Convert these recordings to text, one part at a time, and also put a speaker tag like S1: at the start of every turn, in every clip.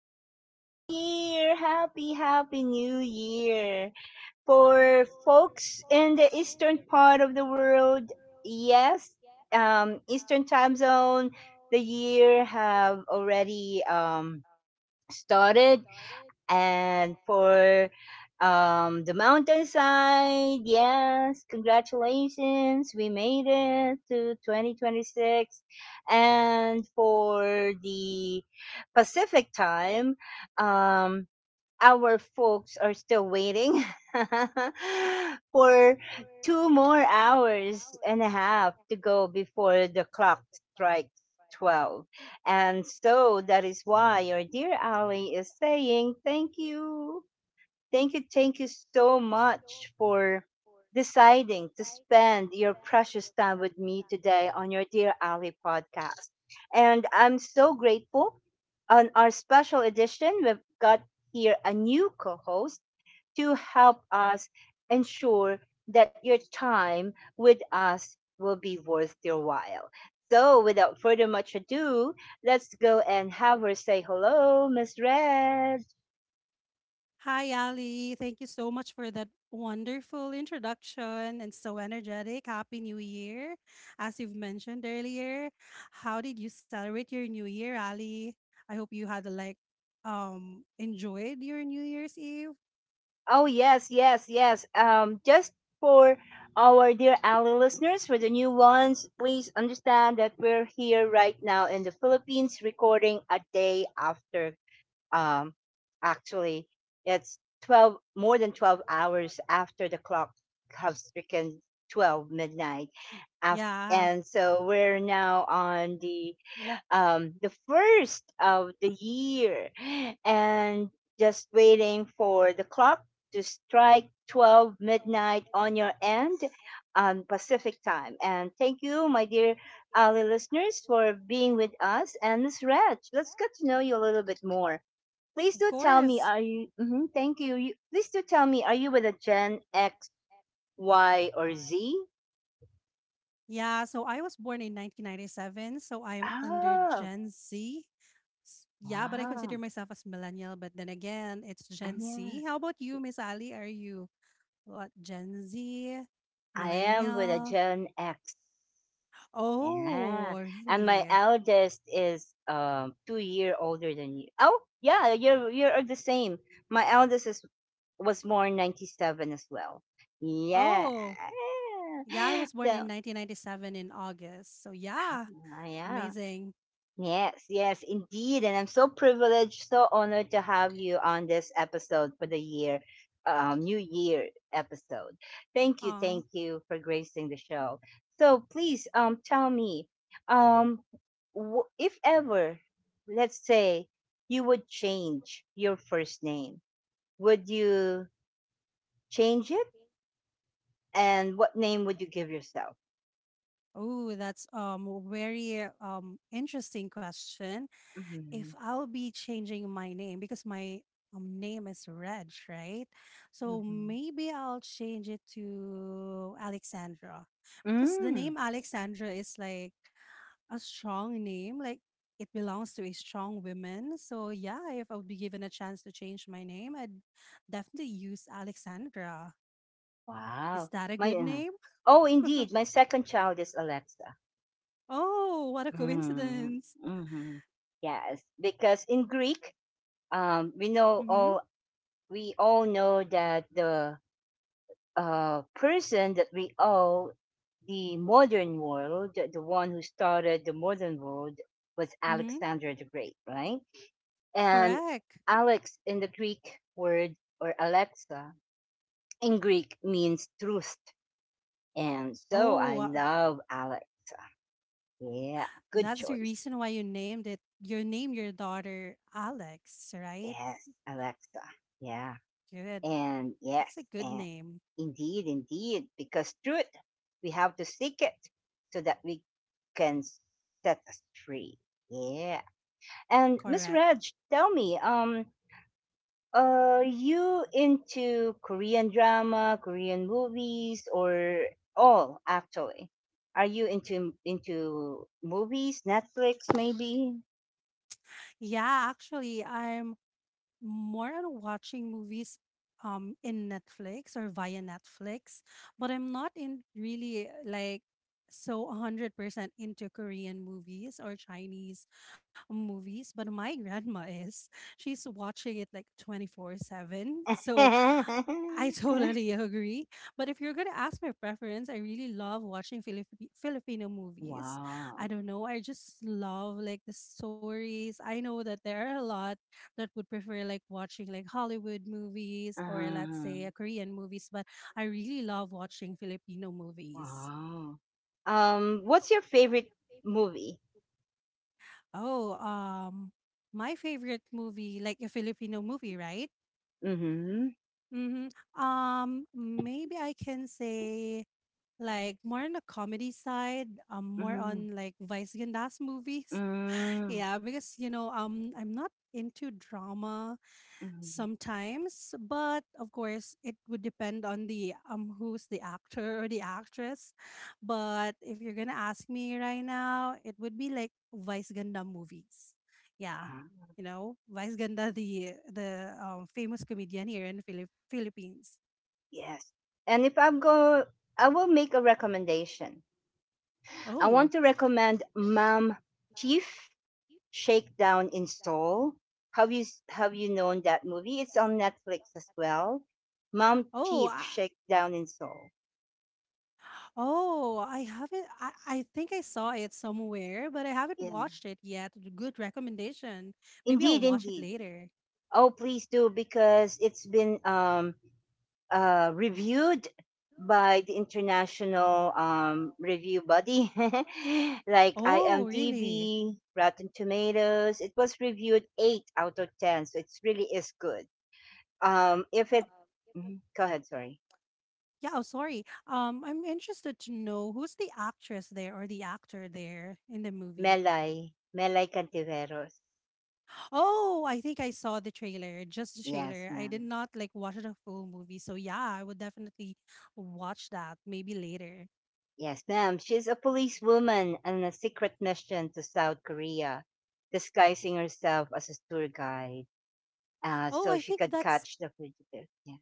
S1: Happy New Year! Happy, happy New Year! For folks in the eastern part of the world, yes, eastern time zone, the year have already started and for the mountainside, yes, congratulations, we made it to 2026. And for the Pacific time, um, our folks are still waiting for two more hours and a half to go before the clock strikes 12. And so that is why your dear Ali is saying thank you Thank You, thank you so much for deciding to spend your precious time with me today on your Dear Ali podcast. And I'm so grateful on our special edition, we've got here a new co host to help us ensure that your time with us will be worth your while. So, without further much ado, let's go and have her say hello, Miss Red.
S2: Hi, Ali. Thank you so much for that wonderful introduction and so energetic. Happy New Year. As you've mentioned earlier, how did you celebrate your New Year, Ali? I hope you had enjoyed your New Year's Eve.
S1: Oh yes, yes, yes. Just for our dear ally listeners, for the new ones, please understand that we're here right now in the Philippines, recording a day after. Um, Actually, it's 12, more than 12 hours after the clock has stricken 12 midnight. After,
S2: Yeah,
S1: and so we're now on the first of the year and just waiting for the clock to strike 12 midnight on your end on Pacific time. And thank you, my dear Ali listeners, for being with us. And Miss Reg, let's get to know you a little bit more. Please
S2: of
S1: do tell me,
S2: course.
S1: are you, mhm, thank you. You. Please do tell me, are you with a Gen X, Y, or Z?
S2: Yeah, so I was born in 1997, so I am under
S1: Oh,
S2: Gen Z. Yeah, but I consider
S1: wow.
S2: myself as millennial, but then again, it's Gen Z.
S1: Yeah.
S2: How about you, Miss Ali? Are you what, Gen Z,
S1: I am with a
S2: millennial?
S1: Gen X. Yeah.
S2: Oh,
S1: And my
S2: really?
S1: eldest is 2 year older than you. Oh yeah, you're the same. My eldest is was born 97 as well. Yeah.
S2: Oh, yeah. I was born
S1: So
S2: in 1997 in August. So yeah,
S1: ah, yeah.
S2: amazing.
S1: Yes, yes, indeed. And I'm so privileged, so honored to have you on this episode for the year, New Year episode.
S2: Uh,
S1: Thank you for gracing the show. So please, tell me, um, if ever, let's say you would change your first name, would you change it? And what name would you give yourself?
S2: oh, that's a very interesting question. If
S1: Mm-hmm.
S2: I'll be changing my name, because my name is Reg, right? So maybe I'll change it to Alexandra, because the
S1: Mm-hmm.
S2: name Alexandra is like a strong name, like it belongs to a strong woman. So yeah, if I would be given a chance to change my name, I'd definitely use Alexandra. Is
S1: Wow.
S2: that a
S1: My
S2: good name?
S1: oh, indeed, my second child is Alexa.
S2: Oh, what a
S1: Mm,
S2: coincidence.
S1: hmm. Yes, because in Greek, um, we know
S2: Mm-hmm.
S1: all we all know that the person that we owe the modern world, the one who started the modern world, was
S2: Mm-hmm.
S1: Alexander the Great, right? And
S2: Correct.
S1: Alex in the Greek word or Alexa in Greek means truth, and so I
S2: Oh,
S1: love Alex. Yeah, good
S2: That's the
S1: choice.
S2: reason why you named it. You named your daughter Alex, right?
S1: Yes, Alexa. Yeah,
S2: Good.
S1: and
S2: That's a
S1: yes,
S2: good
S1: and
S2: name.
S1: indeed, indeed, because truth, we have to seek it so that we can set us free. Yeah, and Miss
S2: Correct.
S1: Reg, tell me, are you into Korean drama, Korean movies, or all actually? Are you into movies, Netflix, maybe?
S2: Yeah, actually, I'm more on watching movies in Netflix or via Netflix, but I'm not in really like so 100% into Korean movies or Chinese movies, but my grandma is. She's watching it like 24/7. So I totally agree. But if you're going to ask my preference, I really love watching Filipino movies. I
S1: Wow.
S2: don't know. I just love like the stories. I know that there are a lot that would prefer like watching like Hollywood movies, or let's
S1: Ah,
S2: say Korean movies, but I really love watching Filipino movies.
S1: wow. What's your favorite movie?
S2: Oh, um my favorite movie, like a Filipino movie, right?
S1: Mm-hmm.
S2: Mm-hmm. Maybe I can say like more on the comedy side, more
S1: Mm-hmm.
S2: on like Vice Gandas movies.
S1: Mm-hmm.
S2: Yeah, because you know, I'm not into drama
S1: Mm-hmm.
S2: sometimes, but of course, it would depend on the who's the actor or the actress. But if you're gonna ask me right now, it would be like Vice Ganda movies. Yeah,
S1: Ah,
S2: you know, Vice Ganda, the famous comedian here in Philippines.
S1: yes. And if I go, I will make a recommendation. I
S2: Oh,
S1: want to recommend Mom Chief Shakedown in Seoul. Have you have you known that movie? It's on Netflix as well. Mom
S2: oh,
S1: Chief
S2: I,
S1: Shakedown in Seoul.
S2: Oh, I haven't. I think I saw it somewhere, but I haven't
S1: Yeah.
S2: watched it yet. Good recommendation. Maybe I'll
S1: Indeed,
S2: watch it
S1: indeed.
S2: later.
S1: Oh, please do because it's been reviewed by the international review body like
S2: Oh, really?
S1: IMDb, Rotten Tomatoes. It was reviewed 8 out of 10, so it really is good. If it, Mhm. Go ahead, sorry.
S2: Yeah, oh, sorry. I'm interested to know who's the actress there or the actor there in the movie.
S1: Melay, Melay Cantiveros.
S2: Oh, I think I saw the trailer, just the
S1: Yes,
S2: trailer. I did
S1: ma'am.
S2: not like watch the full movie. So yeah, I would definitely watch that maybe later.
S1: Yes, ma'am. She's a policewoman on a secret mission to South Korea, disguising herself as a tour guide
S2: Oh,
S1: so
S2: I
S1: she
S2: think
S1: could
S2: that's
S1: catch the fugitive. Yeah.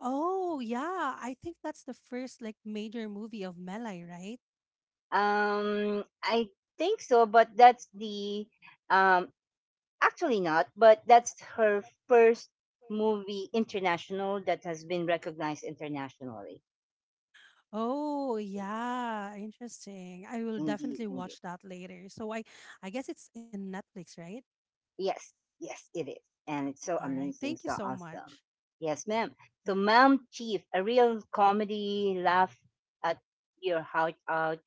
S2: Oh, yeah. I think that's the first like major movie of Melai, right?
S1: I think so, but that's the um actually not, but that's her first movie international that has been recognized internationally.
S2: Oh, yeah, interesting. I will
S1: Indeed,
S2: definitely
S1: indeed.
S2: watch that later. I guess it's in Netflix, right?
S1: Yes, yes, it is, and it's
S2: All
S1: so
S2: right.
S1: amazing,
S2: Thank you
S1: so
S2: so
S1: awesome.
S2: much.
S1: Yes, ma'am. So,
S2: Yeah.
S1: Ma'am Chief, a real comedy laugh at your heart out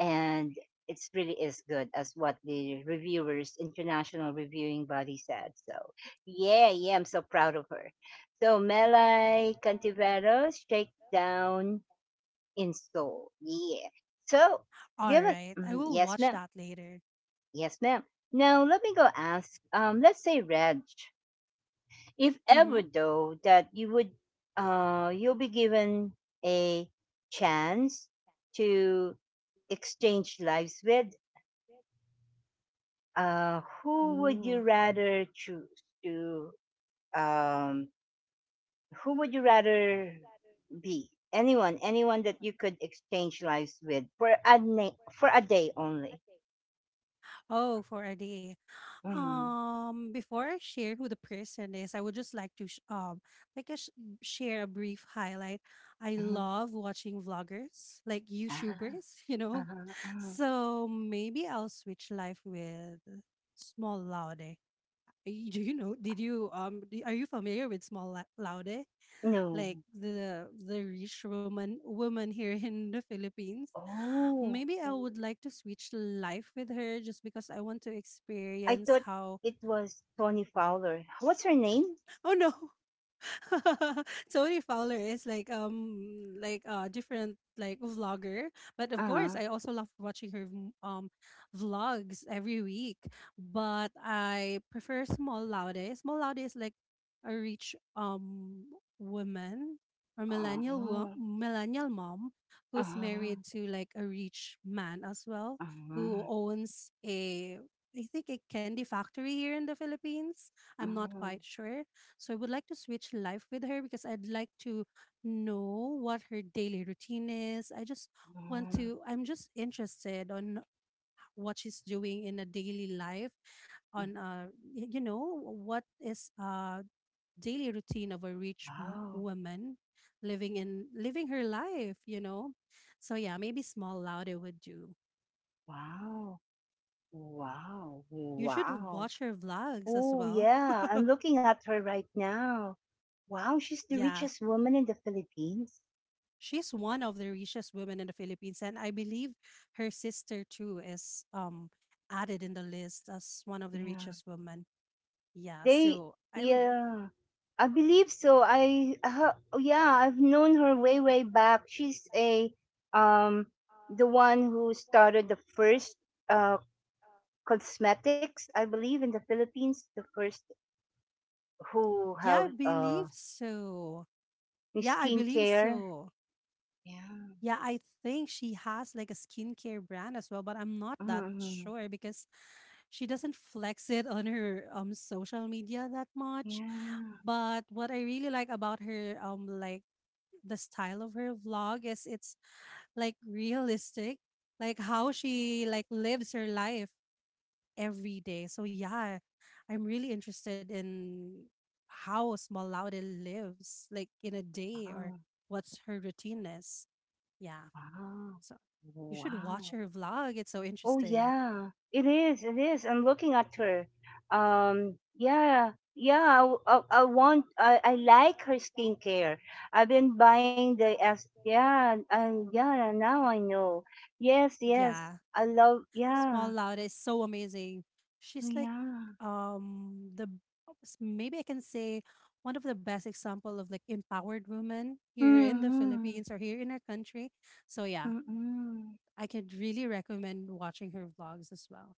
S1: and it really is good as what the reviewers international reviewing body said so yeah yeah I'm so proud of her so Melai Cantiveros Shakedown in Seoul, yeah. So
S2: All
S1: given
S2: right. I
S1: mhm,
S2: will
S1: yes
S2: watch
S1: ma'am,
S2: that later.
S1: yes ma'am, now let me go ask let's say Reg, if ever
S2: Mhm.
S1: though that you would you'll be given a chance to exchange lives with who would
S2: Ooh.
S1: you rather choose to um, who would you rather be anyone that you could exchange lives with for a for a day only.
S2: Oh, for a day.
S1: Mm-hmm.
S2: Before I share who the person is, I would just like to like I sh- share a brief highlight. I
S1: Mm-hmm.
S2: love watching vloggers, like
S1: Uh,
S2: YouTubers, you know.
S1: uh-huh, uh-huh.
S2: So maybe I'll switch life with Small Laude. Do you know? Did you Are you familiar with Laude,
S1: No.
S2: like the rich woman here in the Philippines?
S1: Oh,
S2: Maybe I would like to switch life with her just because I want to
S1: I
S2: experience
S1: thought
S2: how.
S1: it was Tony Fowler, what's her name.
S2: Oh no! Tony Fowler is like different like vlogger, but of course
S1: Uh-huh.
S2: I also love watching her vlogs every week. But I prefer Small Laude. Small Laude is like a rich woman or millennial
S1: Uh-huh.
S2: millennial mom who's
S1: Uh-huh.
S2: married to like a rich man as well
S1: Uh-huh. Uh-huh.
S2: who owns a, I think, a candy factory here in the Philippines. I'm not
S1: Uh-huh.
S2: quite sure. So I would like to switch life with her because I'd like to know what her daily routine is. I just want to, I'm just interested on what she's doing in a daily life on you know what is daily routine of a rich
S1: Wow.
S2: woman living in living her life, you know. So yeah, maybe small loud it would do.
S1: Wow. Wow.
S2: You should
S1: Wow.
S2: watch her vlogs as
S1: Oh,
S2: well.
S1: yeah. I'm looking at her right now. Wow, she's the
S2: Yeah.
S1: richest woman in the Philippines.
S2: She's one of the richest women in the Philippines, and I believe her sister too is added in the list as one of the
S1: Yeah.
S2: richest women. Yeah,
S1: They,
S2: so I would
S1: yeah. I believe so. I, her, yeah, I've known her way, way back. She's a, um, the one who started the first, uh, cosmetics, I believe, in the Philippines. The first who
S2: yeah,
S1: have,
S2: I believe so. Yeah, I believe
S1: skincare.
S2: so.
S1: Yeah.
S2: Yeah, I think she has like a skincare brand as well, but I'm not that
S1: Mm-hmm.
S2: sure because she doesn't flex it on her social media that much.
S1: Yeah.
S2: But what I really like about her like the style of her vlog is it's like realistic, like how she like lives her life every day. So yeah, I'm really interested in how small laude lives like in a day or what's her routine is. Yeah,
S1: Wow.
S2: so you should watch
S1: Wow.
S2: her vlog, it's so
S1: Oh
S2: interesting.
S1: yeah. It is. It is. I'm looking at her. Yeah. Yeah, I, I want I like her skincare. I've been buying the S yeah, and yeah, now I know. Yes, yes.
S2: Yeah.
S1: I love yeah.
S2: Small Loud is so amazing.
S1: Oh,
S2: She's like
S1: yeah.
S2: the maybe I can say one of the best example of like empowered women here in the
S1: Mm-hmm.
S2: Philippines or here in our country. So yeah,
S1: Mm-hmm.
S2: I could really recommend watching her vlogs as well.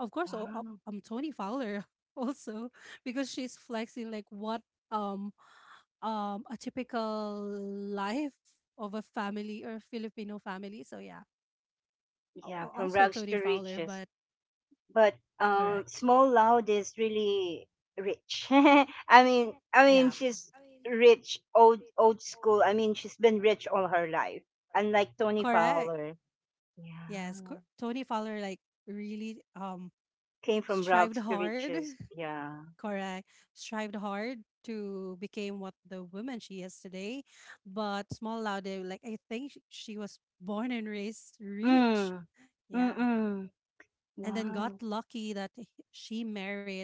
S2: Of course,
S1: Wow.
S2: Tony Fowler also, because she's flexing like what um a typical life of a family or Filipino family. So yeah,
S1: Yeah, from
S2: also
S1: rags to
S2: Tony Fowler,
S1: riches.
S2: but
S1: But
S2: correct.
S1: small loud is really rich. I mean
S2: Yeah,
S1: she's rich old old school, I mean she's been rich all her life, unlike Tony
S2: correct.
S1: Fowler,
S2: Yes.
S1: yeah,
S2: Tony Fowler like really
S1: came from
S2: strived
S1: rags to
S2: hard.
S1: riches yeah.
S2: Correct. Strived hard to become what the woman she is today. But Small Laude, like I think she was born and raised rich.
S1: Mm,
S2: Yeah.
S1: mm,
S2: And then
S1: wow,
S2: got lucky that she married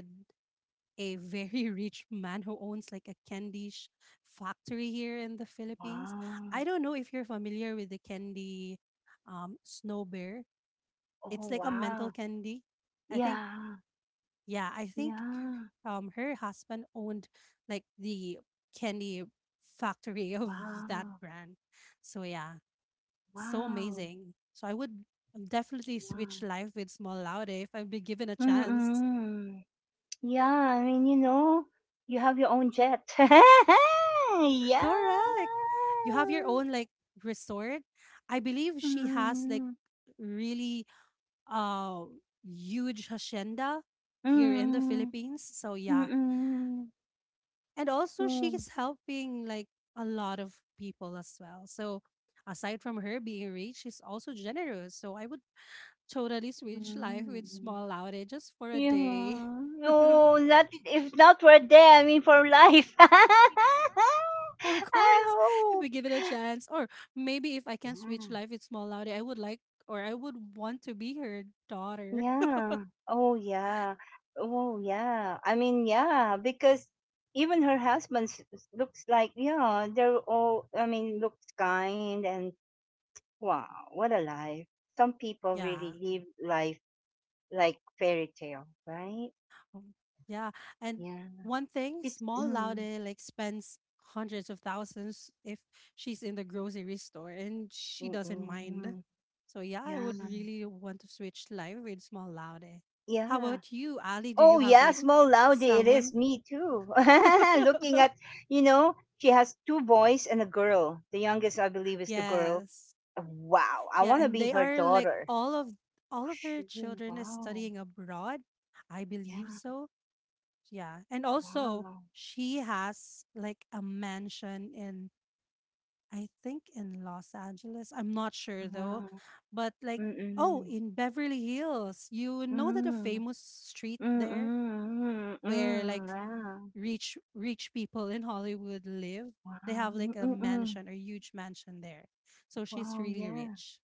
S2: a very rich man who owns like a factory here in the Philippines.
S1: wow,
S2: I don't know if you're familiar with the candy snow bear.
S1: oh
S2: It's like a mental
S1: wow,
S2: candy. I think
S1: yeah,
S2: yeah, I think
S1: yeah,
S2: her husband owned like the candy factory of that
S1: wow,
S2: brand. So yeah, so
S1: wow,
S2: amazing. So I would definitely
S1: wow,
S2: switch life with Small Laude if I'd be given a
S1: mm,
S2: chance.
S1: mm. Yeah, I mean, you know, you have your own jet. Yeah.
S2: Correct. You have your own like resort. I believe she has like
S1: Mm,
S2: really uh huge hacienda here in the
S1: mm,
S2: Philippines. So yeah,
S1: mm,
S2: and also
S1: mm,
S2: she's helping like a lot of people as well. So aside from her being rich, she's also generous, so I would totally switch life with
S1: mm.
S2: small outage just for a day.
S1: Yeah.
S2: Of
S1: Oh, that if not we're there, I mean, for life. I
S2: course, if we
S1: hope.
S2: give it a chance, or maybe if I can switch life with small outage, I would like, or I would want to be her daughter.
S1: Yeah. Oh, yeah. Oh, yeah. I mean, yeah, because even her husband looks like, yeah, they're all, I mean, looks kind and wow, what a life. Some people really
S2: Yeah.
S1: live life like fairy tale, right?
S2: Um, yeah. And
S1: Yeah.
S2: one thing,
S1: She's,
S2: small
S1: mm,
S2: Laude like spends hundreds of thousands if she's in the grocery store, and she
S1: mm,
S2: doesn't
S1: mm,
S2: mind.
S1: mm.
S2: So yeah, I
S1: Yeah.
S2: would really want to switch life with small Laude. How
S1: Yeah.
S2: about you, Ali? Do you
S1: Oh
S2: have
S1: yeah,
S2: like
S1: small loudie it
S2: someone?
S1: is. Me too. Looking at you know, she has two boys and a girl. The youngest I believe is the girl.
S2: Yes.
S1: Wow. I
S2: Yeah,
S1: wanna
S2: and
S1: be
S2: they
S1: her
S2: are like
S1: daughter.
S2: all of her
S1: Shoo,
S2: children is
S1: wow.
S2: studying abroad. I believe
S1: Yeah,
S2: so. Yeah. And also
S1: wow.
S2: she has like a mansion in, I think in Los Angeles. I'm not sure though.
S1: Uh-huh.
S2: But like, oh,
S1: Mm-mm.
S2: in Beverly Hills, you know that a
S1: Mm.
S2: famous street there
S1: Mm-mm.
S2: where like
S1: Mm-mm. Yeah.
S2: rich people in Hollywood live. They have
S1: Wow.
S2: like a
S1: Mm-mm.
S2: mansion, a huge mansion there. So she's
S1: Wow,
S2: really
S1: yeah.
S2: rich.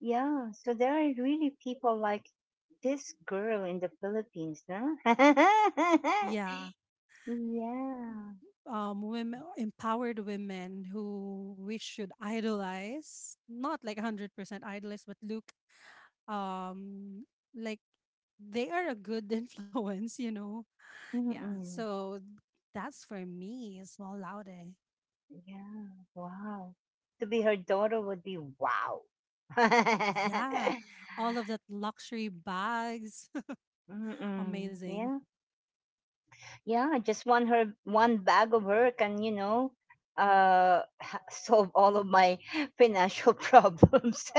S1: Yeah. So there are really people like this girl in the Philippines, huh?
S2: Yeah.
S1: Yeah.
S2: Women, empowered women who we should idolize, not like 100% idolize, but look, um, like they are a good influence, you know. Yeah.
S1: Mm-mm.
S2: So that's for me, small laude.
S1: Yeah. Wow. To be her daughter would be wow.
S2: Yeah. All of that luxury bags.
S1: Mm-mm.
S2: Amazing.
S1: Yeah. Yeah. I just want her one bag of her can, you know, uh, solve all of my financial problems.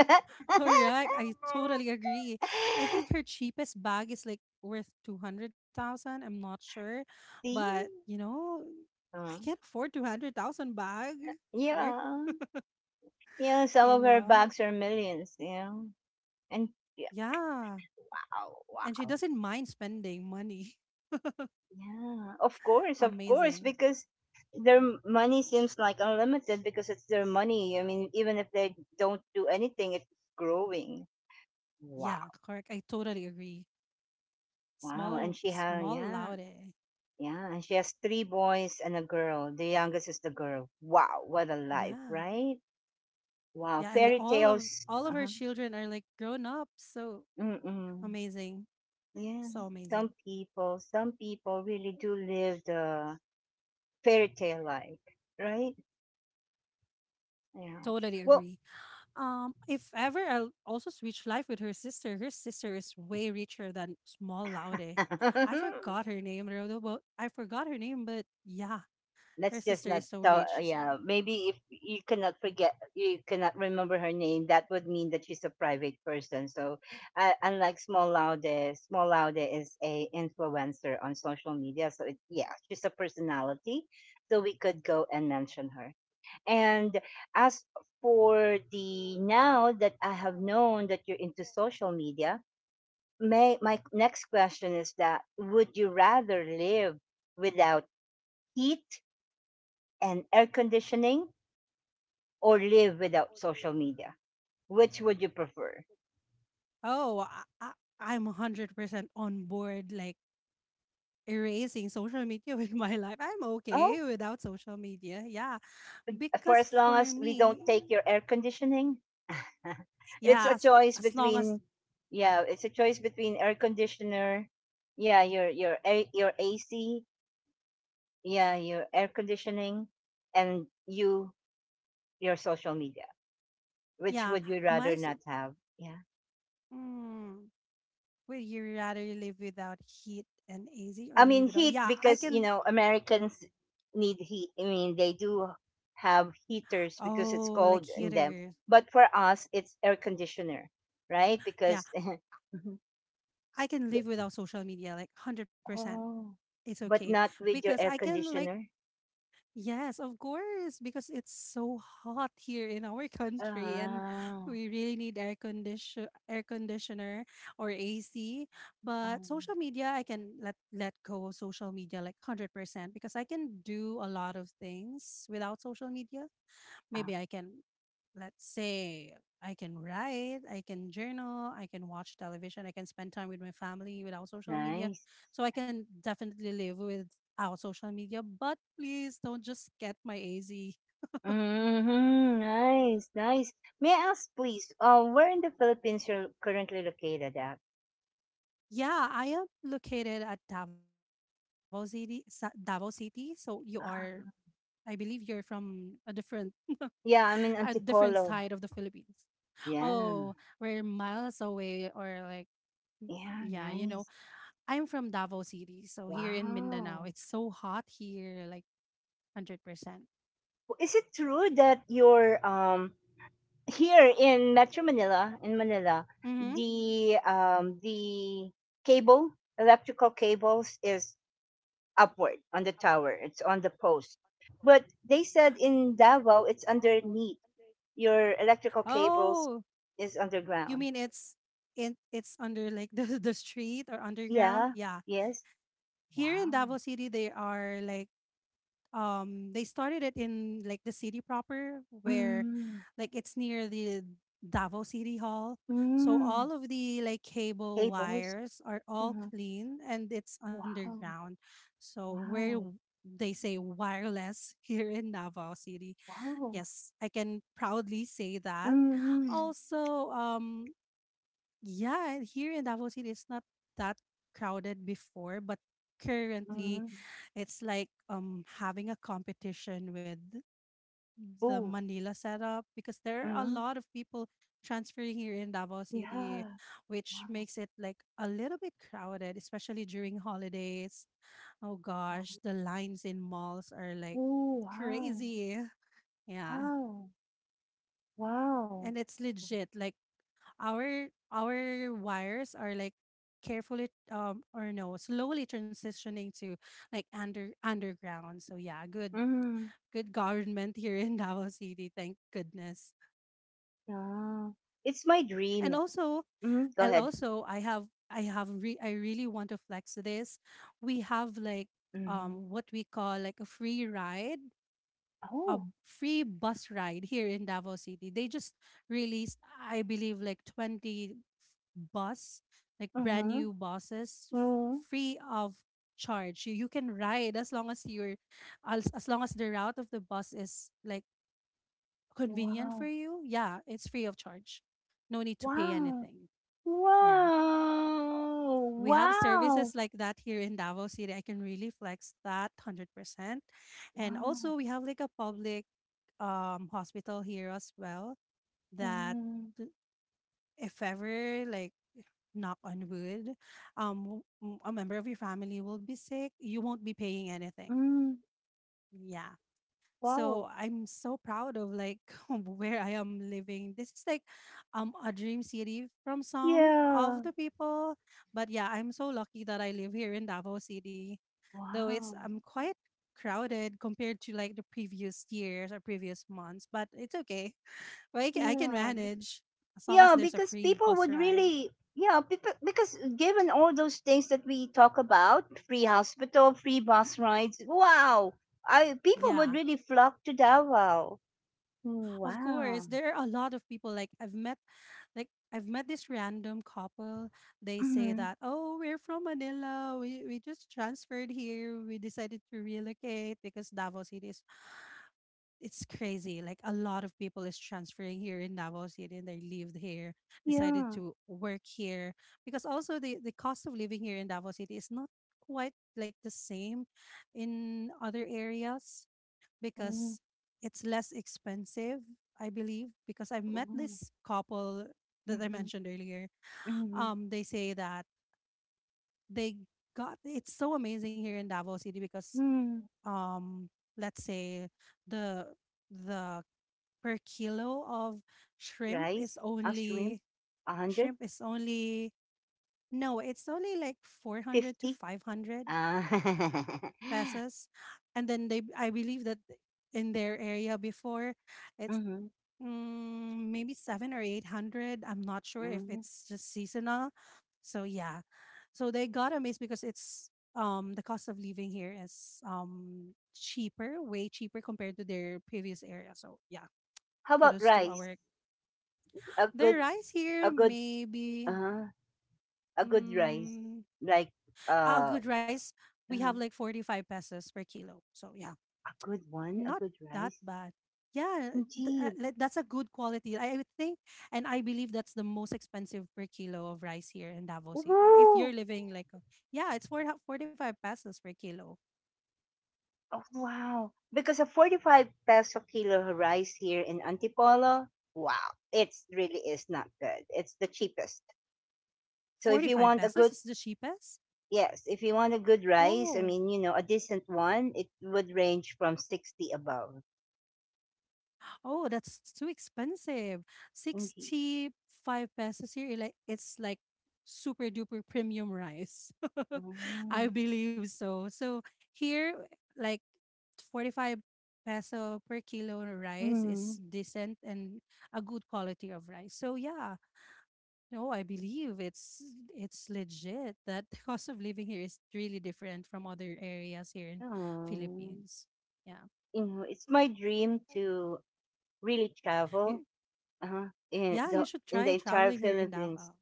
S2: Correct. I totally agree. I think her cheapest bag is like worth 200,000. I'm not sure.
S1: See?
S2: But, you know, I
S1: Uh,
S2: can't afford 200,000 bag. Where,
S1: yeah. Yeah. Some
S2: you
S1: of her
S2: know,
S1: bags are millions, yeah. And yeah,
S2: yeah.
S1: oh,
S2: And she
S1: wow.
S2: doesn't mind spending money.
S1: Yeah, of course,
S2: Amazing.
S1: because their money seems like unlimited because it's their money. I mean, even if they don't do anything, it's growing. Wow,
S2: Yeah, correct. I totally agree.
S1: wow. And she has,
S2: Small
S1: yeah,
S2: laude,
S1: yeah. And she has three boys and a girl. The youngest is the girl. Wow, what a life,
S2: yeah.
S1: right? Wow,
S2: Yeah, and
S1: fairy tales.
S2: all of her
S1: Uh-huh.
S2: children are like grown up, so
S1: Mm-mm.
S2: amazing,
S1: Yeah,
S2: so
S1: some
S2: amazing.
S1: people, some people really do live the fairy tale life, right? Yeah.
S2: Totally
S1: Well,
S2: agree. Um, if ever I'll also switch life with her sister. Her sister is way richer than small laude. I forgot her name. Rodo, but I forgot her name, but yeah, her
S1: let's just
S2: sister
S1: not
S2: is so
S1: tell
S2: rich as well.
S1: yeah maybe if you cannot forget you cannot remember her name that would mean that she's a private person, so unlike Small Laude. Small Laude is a influencer on social media, so it, yeah she's a personality, so we could go and mention her. And as for the now that I have known that you're into social media, may my next question is that would you rather live without heat and air conditioning or live without social media? Which would you prefer?
S2: oh I, I'm 100% on board like erasing social media with my life. I'm
S1: Oh,
S2: okay without social media. Yeah.
S1: for
S2: Because
S1: as long
S2: for
S1: as we don't
S2: me,
S1: take your air conditioning, it's
S2: yeah,
S1: a choice
S2: as long as,
S1: between yeah, it's a choice between air conditioner, yeah, your your AC, yeah, your air conditioning, and you your social media. Which
S2: yeah,
S1: would you
S2: my
S1: rather
S2: s-
S1: not have? Yeah.
S2: mm, would you rather live without heat and AC or
S1: I
S2: live
S1: mean
S2: without?
S1: heat
S2: Yeah, I
S1: because you
S2: can.
S1: know Americans need heat. I mean they do have heaters because it's
S2: Oh, like
S1: cold in them.
S2: heater.
S1: But for us, it's air conditioner, right?
S2: Yeah,
S1: Because mhm,
S2: I can live without social media, like 100%.
S1: oh,
S2: It's okay
S1: but not with
S2: because
S1: your
S2: I
S1: air
S2: can like,
S1: conditioner.
S2: yes, of course, because it's so hot here in our country and
S1: Ah,
S2: we really need air conditioner or AC. But
S1: um,
S2: social media, I can let go of social media like 100% because I can do a lot of things without social media.
S1: ah
S2: Maybe I can, let's say, I can write, I can journal, I can watch television, I can spend time with my family without social media.
S1: nice.
S2: So I can definitely live without social media, but please don't just get my AZ.
S1: Hmm nice, nice. May I ask, please, where in the Philippines you're currently located at?
S2: Yeah, I am located at Davao City, Davao City. So you are,
S1: Ah,
S2: I believe you're from
S1: yeah,
S2: a
S1: I'm in
S2: different side of the
S1: Antipolo.
S2: Philippines.
S1: Yeah,
S2: Oh, we're miles away or like,
S1: yeah,
S2: yeah,
S1: nice.
S2: I'm from Davao City, so here in Mindanao,
S1: Wow.
S2: it's so hot here, like 100%.
S1: Is it true that your here in Metro Manila, in Manila,
S2: Mm-hmm.
S1: the cable, electrical cables is upward on the tower. It's on the post. But they said in Davao it's underneath. Your electrical cables
S2: Oh,
S1: is
S2: you
S1: underground.
S2: mean it's under like the street or underground?
S1: Yeah.
S2: Yeah.
S1: Yes.
S2: Here in Davao
S1: Wow.
S2: City, they are like they started it in like the city proper where
S1: Mm.
S2: like it's near the Davao City Hall. So
S1: Mm.
S2: all of the like cable
S1: Cables.
S2: wires are all
S1: Mhm.
S2: clean and it's
S1: Wow.
S2: underground. So where
S1: Wow.
S2: w- they say wireless here in Davao City.
S1: Wow.
S2: Yes, I can proudly say that.
S1: Mm-hmm.
S2: Also, yeah, and here in Davao City, it's not that crowded before, but currently
S1: Mhm.
S2: it's like having a competition with the
S1: Cebu.
S2: Manila setup because there are a
S1: Mhm.
S2: lot of people transferring here in Davao City,
S1: Yeah.
S2: which
S1: Wow,
S2: makes it like a little bit crowded, especially during holidays. Oh
S1: wow.
S2: gosh, the lines in malls are like
S1: Oh, wow.
S2: crazy. Yeah.
S1: Wow. Wow.
S2: And it's legit. Like our wires are like carefully or no slowly transitioning to like under underground, so yeah, good
S1: Mhm.
S2: good government here in Davao City, thank goodness.
S1: Yeah. It's my
S2: and
S1: dream.
S2: also
S1: Mhm. Go
S2: and
S1: ahead.
S2: also I have I really want to flex this. We have like
S1: Mhm.
S2: what we call like a
S1: Oh.
S2: free bus ride here in Davao City. They just released, I believe, like 20 bus, like brand
S1: Mhm.
S2: new buses,
S1: Mhm.
S2: free of charge. You can ride as long as you're, as long as the route of the bus is like convenient for
S1: Wow.
S2: you. Yeah, it's free of charge. No need to pay
S1: Wow.
S2: anything. Yeah,
S1: Wow.
S2: we have
S1: Wow.
S2: services like that here in Davao City. I can really flex that 100%. And
S1: Wow.
S2: also, we have like a public hospital here as well that
S1: Mhm.
S2: th- if ever, like, knock on wood, a member of your family will be sick, you won't be paying anything.
S1: Mhm.
S2: Yeah. So
S1: Wow.
S2: I'm so proud of like where I am living. This is like a dream city from some of
S1: Yeah.
S2: the people. But yeah, I'm so lucky that I live here in Davao City. Though it's
S1: Wow.
S2: quite crowded compared to like the previous years or previous months, but it's okay. Like I can
S1: Yeah.
S2: manage as long as
S1: Yeah,
S2: there's a
S1: because
S2: free
S1: people
S2: bus
S1: would
S2: ride.
S1: really, yeah, people, because given all those things that we talk about, free hospital, free bus rides, wow, I people would
S2: Yeah.
S1: really flock to Davao. Mm,
S2: Of
S1: wow.
S2: course, there are a lot of people. Like I've met this random couple. They say
S1: Hmm.
S2: that, "Oh, we're from Manila. We just transferred here. We decided to relocate because Davao City is it's crazy. Like a lot of people is transferring here in Davao City and they lived here, decided
S1: Yeah.
S2: to work here because also the cost of living here in Davao City is not quite like the same in other areas
S1: Mm-hmm.
S2: because it's less expensive, I believe, because I've met
S1: Oh,
S2: this couple that I
S1: mm-hmm.
S2: mentioned earlier.
S1: Mm-hmm.
S2: They say that they got it's so amazing here in Davao City because
S1: Mm.
S2: um, let's say the the per kilo of shrimp is
S1: Rice, a shrimp,
S2: only
S1: 150.
S2: shrimp is only no, it's only like 400 to 500
S1: Ah.
S2: pesos. And then they I believe that in their area before it's
S1: Mm-hmm.
S2: mm, maybe seven or eight hundred. I'm not sure if
S1: Mm-hmm.
S2: it's just seasonal. So yeah, so they got amazed because it's the cost of living here is cheaper, way cheaper compared to their previous area. So yeah,
S1: How about
S2: kudos to
S1: rice?
S2: our
S1: A good,
S2: their rice
S1: a
S2: here.
S1: good,
S2: Maybe
S1: uh a good rice,
S2: mm,
S1: like
S2: a
S1: uh,
S2: good rice we
S1: uh,
S2: have like 45 pesos per kilo. So yeah,
S1: a good one, a
S2: not
S1: good
S2: that
S1: rice.
S2: bad. Yeah,
S1: Indeed.
S2: like, that's a good quality. I would think, and I believe that's the most expensive per kilo of rice here in Davao City. If
S1: Woo!
S2: you're living like, a, yeah, it's 445 pesos per kilo.
S1: Oh, wow. Because a 45 peso kilo rice here in Antipolo, wow, it's really is not good. It's the cheapest. So if you
S2: 45
S1: want a
S2: pesos
S1: good,
S2: is the cheapest?
S1: yes, if you want a good rice, I
S2: Oh,
S1: mean, you know, a decent one, it would range from 60 above.
S2: Oh, that's too expensive.
S1: Indeed.
S2: 65 pesos here, like it's like super duper premium rice. I
S1: Mm.
S2: believe so. So here like 45 peso per kilo rice
S1: Mm.
S2: is decent and a good quality of rice. So yeah, no, I believe it's legit that the cost of living here is really different from other areas here in
S1: Oh.
S2: Philippines. Yeah.
S1: You know, it's my dream to really travel.
S2: Y-
S1: Uh-huh. In
S2: Yeah,
S1: the
S2: you should
S1: in the
S2: try
S1: entire
S2: traveling here in
S1: Philippines.
S2: Davao.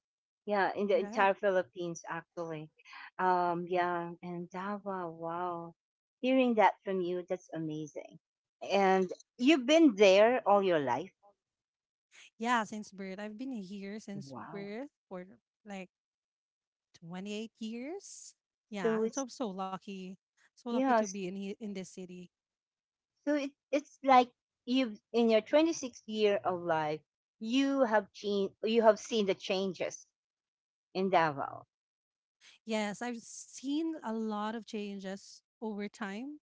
S1: Yeah, in the
S2: Correct.
S1: entire Philippines actually. Yeah, and Davao, wow. Hearing that from you, that's amazing. And you've been there all your life.
S2: Yeah, since birth. I've been here since
S1: Wow.
S2: birth for like 28 years. Yeah,
S1: So
S2: and so
S1: it's
S2: I'm so lucky. So lucky
S1: yeah,
S2: to
S1: s-
S2: be in this city.
S1: so it's like you've in your 26th year of life, you have changed, you have seen the changes in Davao.
S2: Yes, I've seen a lot of changes over time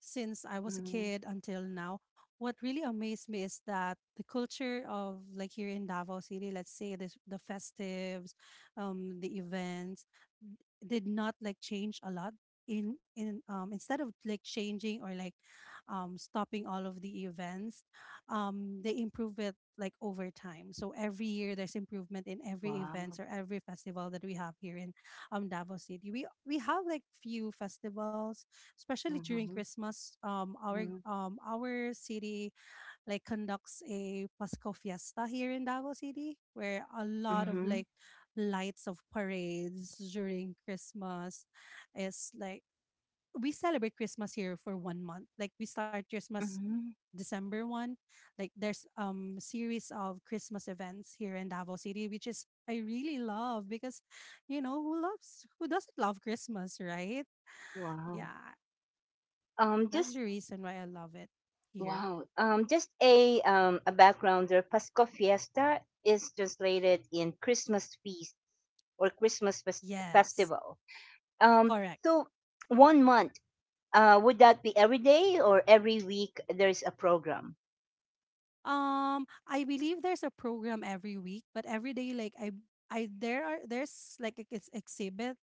S2: since I was a
S1: Mhm.
S2: kid until now. What really amazed me is that the culture of like here in Davao City, let's say this the festives, the events n- did not like change a lot. In Instead of like changing or like stopping all of the events, they improve it like over time. So every year there's improvement in every events
S1: Wow.
S2: or every festival that we have here in Davao City. We have like few festivals, especially during
S1: Mhm.
S2: Christmas.
S1: Mhm.
S2: Our city like conducts a Pasco Fiesta here in Davao City, where a lot of
S1: Mhm.
S2: like lights of parades during Christmas is like we celebrate Christmas here for 1 month. Like we start Christmas
S1: Mhm.
S2: December 1, like there's series of Christmas events here in Davao City, which is I really love because you know who doesn't love Christmas, right?
S1: Wow.
S2: Yeah,
S1: Um,
S2: that's the
S1: just
S2: reason why I love it here.
S1: wow. Just a backgrounder. Pasco Fiesta is translated in Christmas feast or
S2: Yes,
S1: festival. Um,
S2: correct.
S1: so one month. Would that be every day or every week? There is a program.
S2: I believe there's a program every week, but every day, like I there are it's exhibit,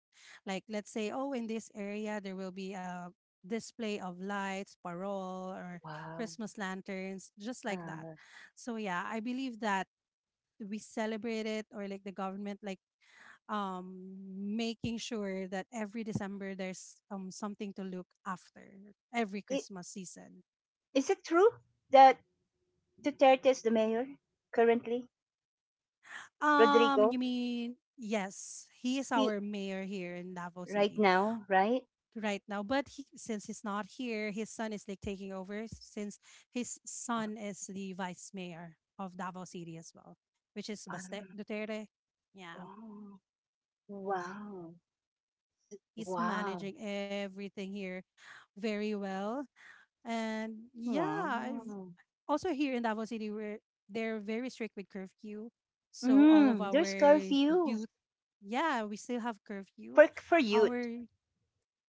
S2: like let's say oh in this area there will be a display of lights, parole or
S1: Wow.
S2: Christmas lanterns, just like that.
S1: Uh,
S2: So yeah, I believe that we celebrate it or like the government like um making sure that every December there's something to look after every
S1: i-
S2: Christmas season.
S1: is it true that Duterte is the mayor currently? Rodrigo,
S2: You mean yes, he is
S1: he
S2: our mayor here in Davao
S1: right
S2: City
S1: now, right?
S2: right now. But he, since he's not here, his son is like taking over since his son is the vice mayor of Davao City as well, which is Baste
S1: Ah,
S2: Duterte. Yeah,
S1: oh, wow.
S2: he's
S1: Wow.
S2: managing everything here very well, and yeah,
S1: Wow.
S2: also here in Davao City, we're they're very strict with curfew. So all of
S1: Mm,
S2: our
S1: there's curfew
S2: youth, yeah, we still have curfew.
S1: for youth.
S2: Our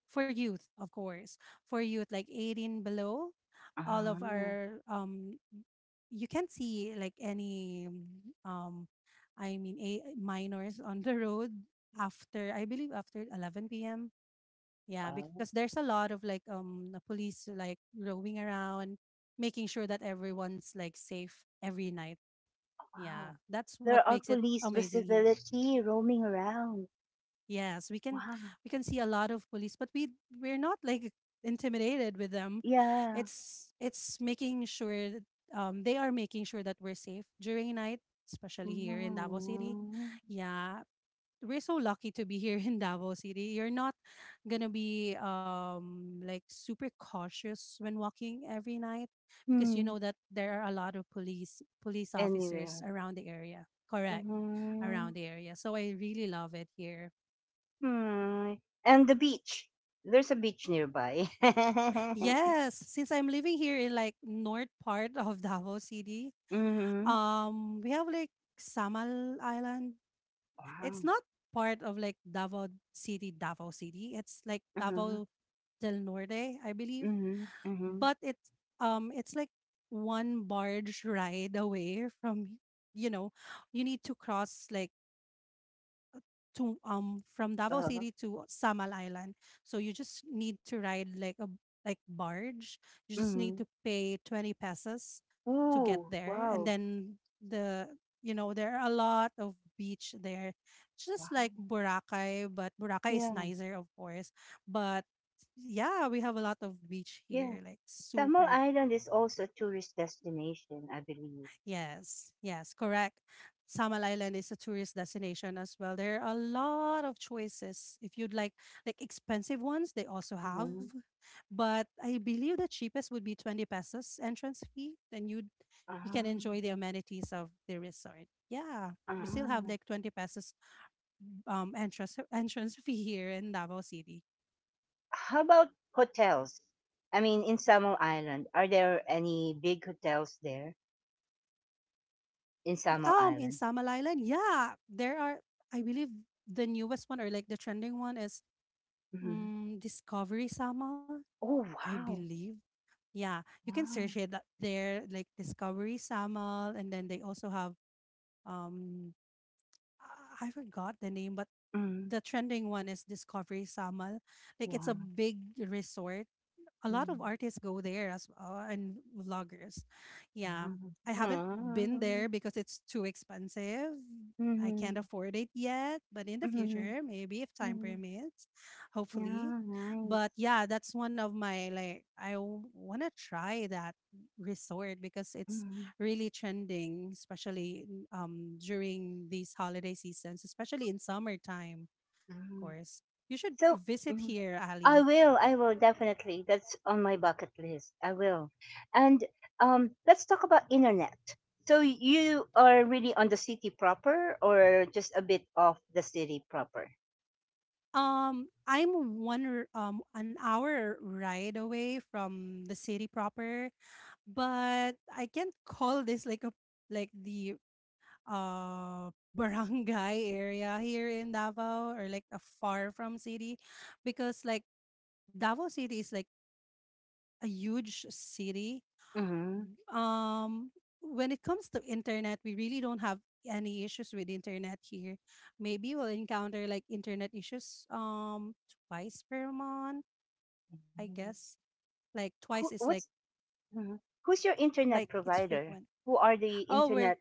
S2: for youth, of course, for youth like 18 below, all
S1: Ah,
S2: of our you can't see like any mm, um, I mean, a minors on the road after I believe after 11 p.m. yeah,
S1: oh,
S2: because there's a lot of like the police like roving around, making sure that everyone's like safe every night. Yeah,
S1: wow.
S2: that's what
S1: There are
S2: makes it
S1: police
S2: amazing here.
S1: visibility roaming around.
S2: Yes,
S1: Wow.
S2: we can see a lot of police, but we we're not like intimidated with them.
S1: Yeah.
S2: It's making sure that, they are making sure that we're safe during night, especially here in Davao City.
S1: Mm.
S2: Yeah, we're so lucky to be here in Davao City. You're not gonna be like super cautious when walking every night because you
S1: Hmm.
S2: know that there are a lot of police officers
S1: Anywhere.
S2: around the area. Correct,
S1: Mm.
S2: around the area. So I really love it here.
S1: Hmm. And the beach. There's a beach nearby.
S2: Yes, since I'm living here in like north part of Davao City,
S1: Mm-hmm.
S2: we have like Samal Island. It's
S1: Wow.
S2: not part of like Davao City. It's like
S1: Mm-hmm.
S2: Davao del Norte, I believe.
S1: Mm-hmm. Mm-hmm.
S2: But it's like one barge ride away from. You know, you need to cross like to from Davao
S1: Uh,
S2: City to Samal Island, so you just need to ride like a like barge. You just
S1: mm-hmm.
S2: need to pay 20 pesos to get
S1: Ooh.
S2: there and
S1: Wow.
S2: then the you know there are a lot of beach there, just like
S1: Wow.
S2: Boracay, but Boracay is
S1: Yeah.
S2: nicer of course, but yeah, we have a lot of beach
S1: Yeah.
S2: here, like
S1: Samar
S2: super.
S1: Island is also a tourist destination, I believe.
S2: Yes, yes, correct. Samal Island is a tourist destination as well. There are a lot of choices. If you'd like expensive ones, they also have.
S1: Hmm.
S2: But I believe the cheapest would be 20 pesos entrance fee. Then you'd you can
S1: Ah,
S2: enjoy the amenities of the resort. Yeah. We still have
S1: ah.
S2: like 20 pesos entrance entrance fee here in Davao City.
S1: How about hotels? I mean, in Samar Island, are there any big hotels there in Samar
S2: Um, in
S1: Island?
S2: Samal Island, yeah, there are I believe the newest one or like the trending one is
S1: Hmm.
S2: mm, Discovery Samal,
S1: Oh,
S2: I
S1: wow.
S2: believe. Yeah, you can search
S1: Wow.
S2: it up there, like Discovery Samal, and then they also have um, I forgot the name, but
S1: Mm,
S2: the trending one is Discovery Samal. Like it's a
S1: wow.
S2: big resort, a lot of
S1: Mm,
S2: artists go there as and vloggers. Yeah, I haven't been
S1: wow.
S2: there because it's too expensive. I can't
S1: Mm,
S2: afford it yet, but in the
S1: mm, mm,
S2: future, maybe if time
S1: mm.
S2: permits, hopefully.
S1: Yeah, nice.
S2: But yeah, that's one of my I want to try that resort because it's
S1: Mm,
S2: really trending, especially during these holiday seasons, especially in summertime, of
S1: mm.
S2: course. You should
S1: So,
S2: visit
S1: mm,
S2: here,
S1: I
S2: Ali.
S1: will. I will definitely. That's on my bucket list. I will. And let's talk about internet. So you are really on the city proper, or just a bit off the city proper?
S2: I'm an hour ride away from the city proper, but I can't call this like a like the uh barangay area here in Davao or like a far from city because like Davao City is like a huge city.
S1: Mm-hmm.
S2: um when it comes to internet, we really don't have any issues with internet here. Maybe we'll encounter like internet issues twice per month, I guess. Like twice
S1: Who,
S2: is like
S1: what's mhm. who's your
S2: like
S1: internet
S2: it's
S1: provider?
S2: frequent.
S1: Who are the
S2: Oh, we're
S1: internet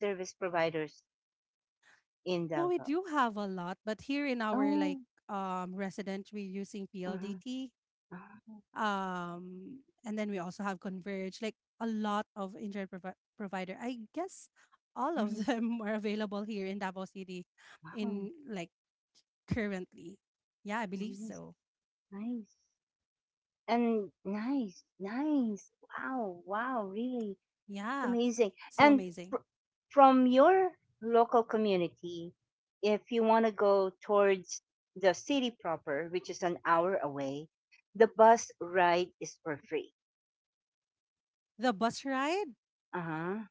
S1: service providers in
S2: no, we
S1: Davao?
S2: do have a lot, but here in our like
S1: Oh,
S2: resident we're using
S1: mhm.
S2: PLDT.
S1: Ah,
S2: Um, and then we also have Converge, like a lot of internet provider. I guess all of
S1: mhm.
S2: them are available here in Davao City,
S1: Wow,
S2: in like currently. Yeah, I believe
S1: nice,
S2: so.
S1: nice. And nice, nice. Wow, wow, really. It's
S2: Yeah,
S1: amazing.
S2: so
S1: And
S2: amazing.
S1: fr- from your local community, if you want to go towards the city proper, which is an hour away, the bus ride is for free.
S2: The bus ride,
S1: Uh huh.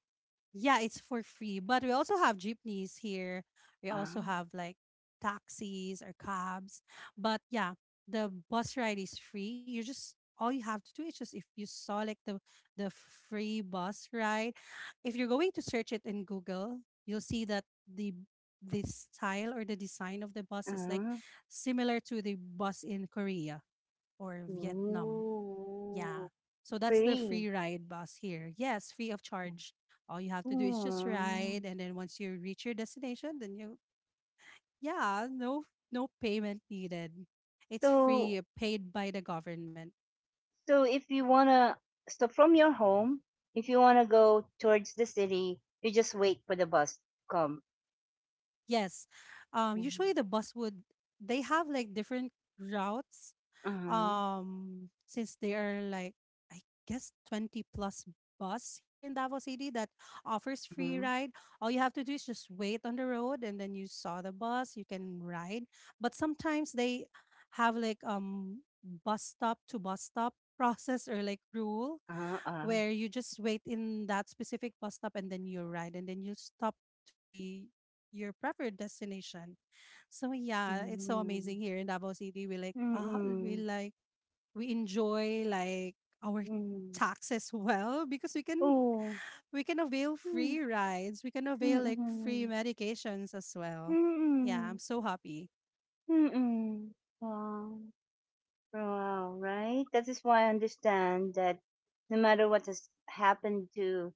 S2: yeah, it's for free. But we also have jeepneys here. We also
S1: Wow.
S2: have like taxis or cabs. But yeah, the bus ride is free. You just all you have to do is just if you saw like the free bus ride, if you're going to search it in Google, you'll see that the style or the design of the
S1: Uh
S2: bus is like
S1: huh.
S2: similar to the bus in Korea or Vietnam. Yeah.
S1: Ooh,
S2: So that's the free
S1: free.
S2: ride bus here. Yes, free of charge. All you have to do is just
S1: Hmm.
S2: ride and then once you reach your destination, then you yeah, no no payment needed. It's
S1: So
S2: free, paid by the government.
S1: So if you wanna, so from your home, if you wanna go towards the city, you just wait for the bus to come.
S2: Yes.
S1: Mhm.
S2: Usually the bus would they have like different routes,
S1: Uh-huh.
S2: since they are like, I guess, 20 plus bus here in Davao City that offers free
S1: Mhm.
S2: ride. All you have to do is just wait on the road and then you saw the bus, you can ride. But sometimes they have like bus stop to bus stop process or like rule
S1: Uh-huh. Uh-huh.
S2: where you just wait in that specific bus stop and then you ride and then you stop to the your preferred destination. So yeah, it's so
S1: Mhm.
S2: amazing here in Davao City. We like we
S1: Mhm.
S2: like we enjoy like our
S1: Mhm.
S2: taxes well, because
S1: Oh.
S2: we can avail
S1: Mm.
S2: free rides, we can avail like free
S1: Mhm.
S2: medications as well. Yeah, I'm
S1: Mhm.
S2: so happy.
S1: Mhm. Wow. Wow, right? That is why I understand that no matter what has happened to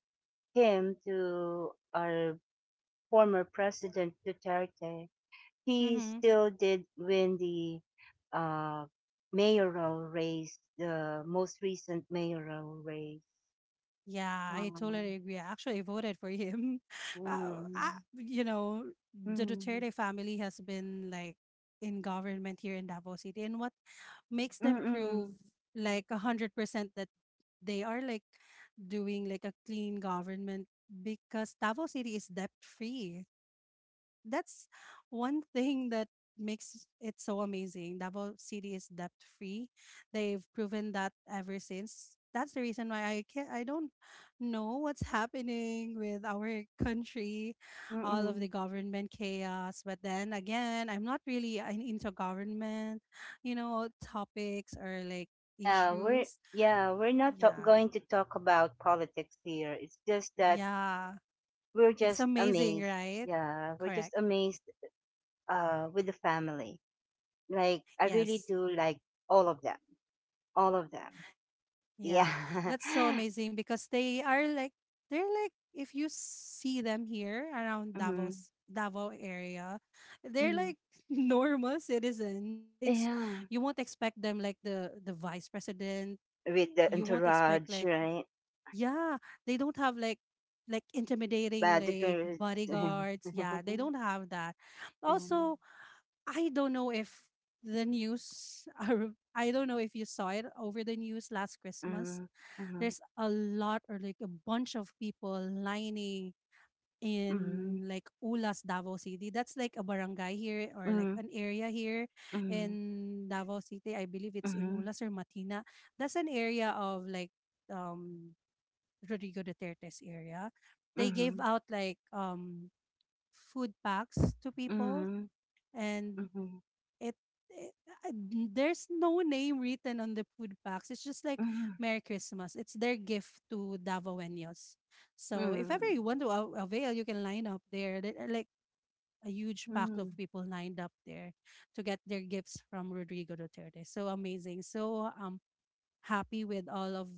S1: him, to our former president Duterte, he
S2: Mm-hmm.
S1: still did win the uh, mayoral race, the most recent mayoral race.
S2: Yeah, I
S1: Wow.
S2: totally agree. I actually voted for him. Uh, I,
S1: Mm,
S2: you know, the
S1: mm,
S2: Duterte family has been like in government here in Davao City, and what makes them prove
S1: mm-mm,
S2: like 100% that they are like doing like a clean government, because Davao City is debt free. That's one thing that makes it so amazing. Davao City is debt free. They've proven that ever since. That's the reason why I can not I don't know what's happening with our country, all of
S1: mm-mm.
S2: the government chaos. But then again, I'm not really into government, you know, topics or like
S1: Yeah, we're
S2: issues.
S1: yeah we're not ta-
S2: Yeah.
S1: going to talk about politics here. It's just that
S2: Yeah.
S1: we're
S2: It's
S1: just
S2: amazing,
S1: amazed.
S2: right?
S1: Yeah, we're just
S2: Correct.
S1: amazed with the family. Like I really
S2: Yes.
S1: do like all of them, all of them.
S2: Yeah,
S1: Yeah.
S2: that's so amazing because they are like they're like if you see them here around
S1: Mm-hmm.
S2: Davos Davao area, they're
S1: Mm-hmm.
S2: like normal citizens. It's
S1: Yeah.
S2: you won't expect them like the vice president.
S1: With the
S2: You won't expect
S1: entourage,
S2: like
S1: right?
S2: yeah, they don't have like intimidating
S1: Bad
S2: like
S1: girls.
S2: bodyguards. Yeah, they don't have that.
S1: Mhm.
S2: Also, I don't know if the news are, I don't know if you saw it over the news last Christmas.
S1: Mhm.
S2: There's a lot or like a bunch of people lining in
S1: Mhm.
S2: like Ulas, Davao City. That's like a barangay here or like
S1: Mhm.
S2: an area here in Davao City. I believe it's in
S1: Mhm.
S2: Ulas or Matina. That's an area of like um Rodrigo Duterte's area.
S1: Mhm.
S2: They gave
S1: Mhm.
S2: out like food packs to people
S1: Mhm.
S2: and
S1: Mhm. Mhm.
S2: it, it I- there's no name written on the food packs. It's just like Merry Christmas. It's their gift to Davaoenos.
S1: Mhm.
S2: So if ever
S1: Mhm.
S2: you want to avail, you can line up there. There are like a huge
S1: Mhm.
S2: pack of
S1: Mhm.
S2: people lined up there to get their gifts from Rodrigo Duterte. So amazing. So happy with all of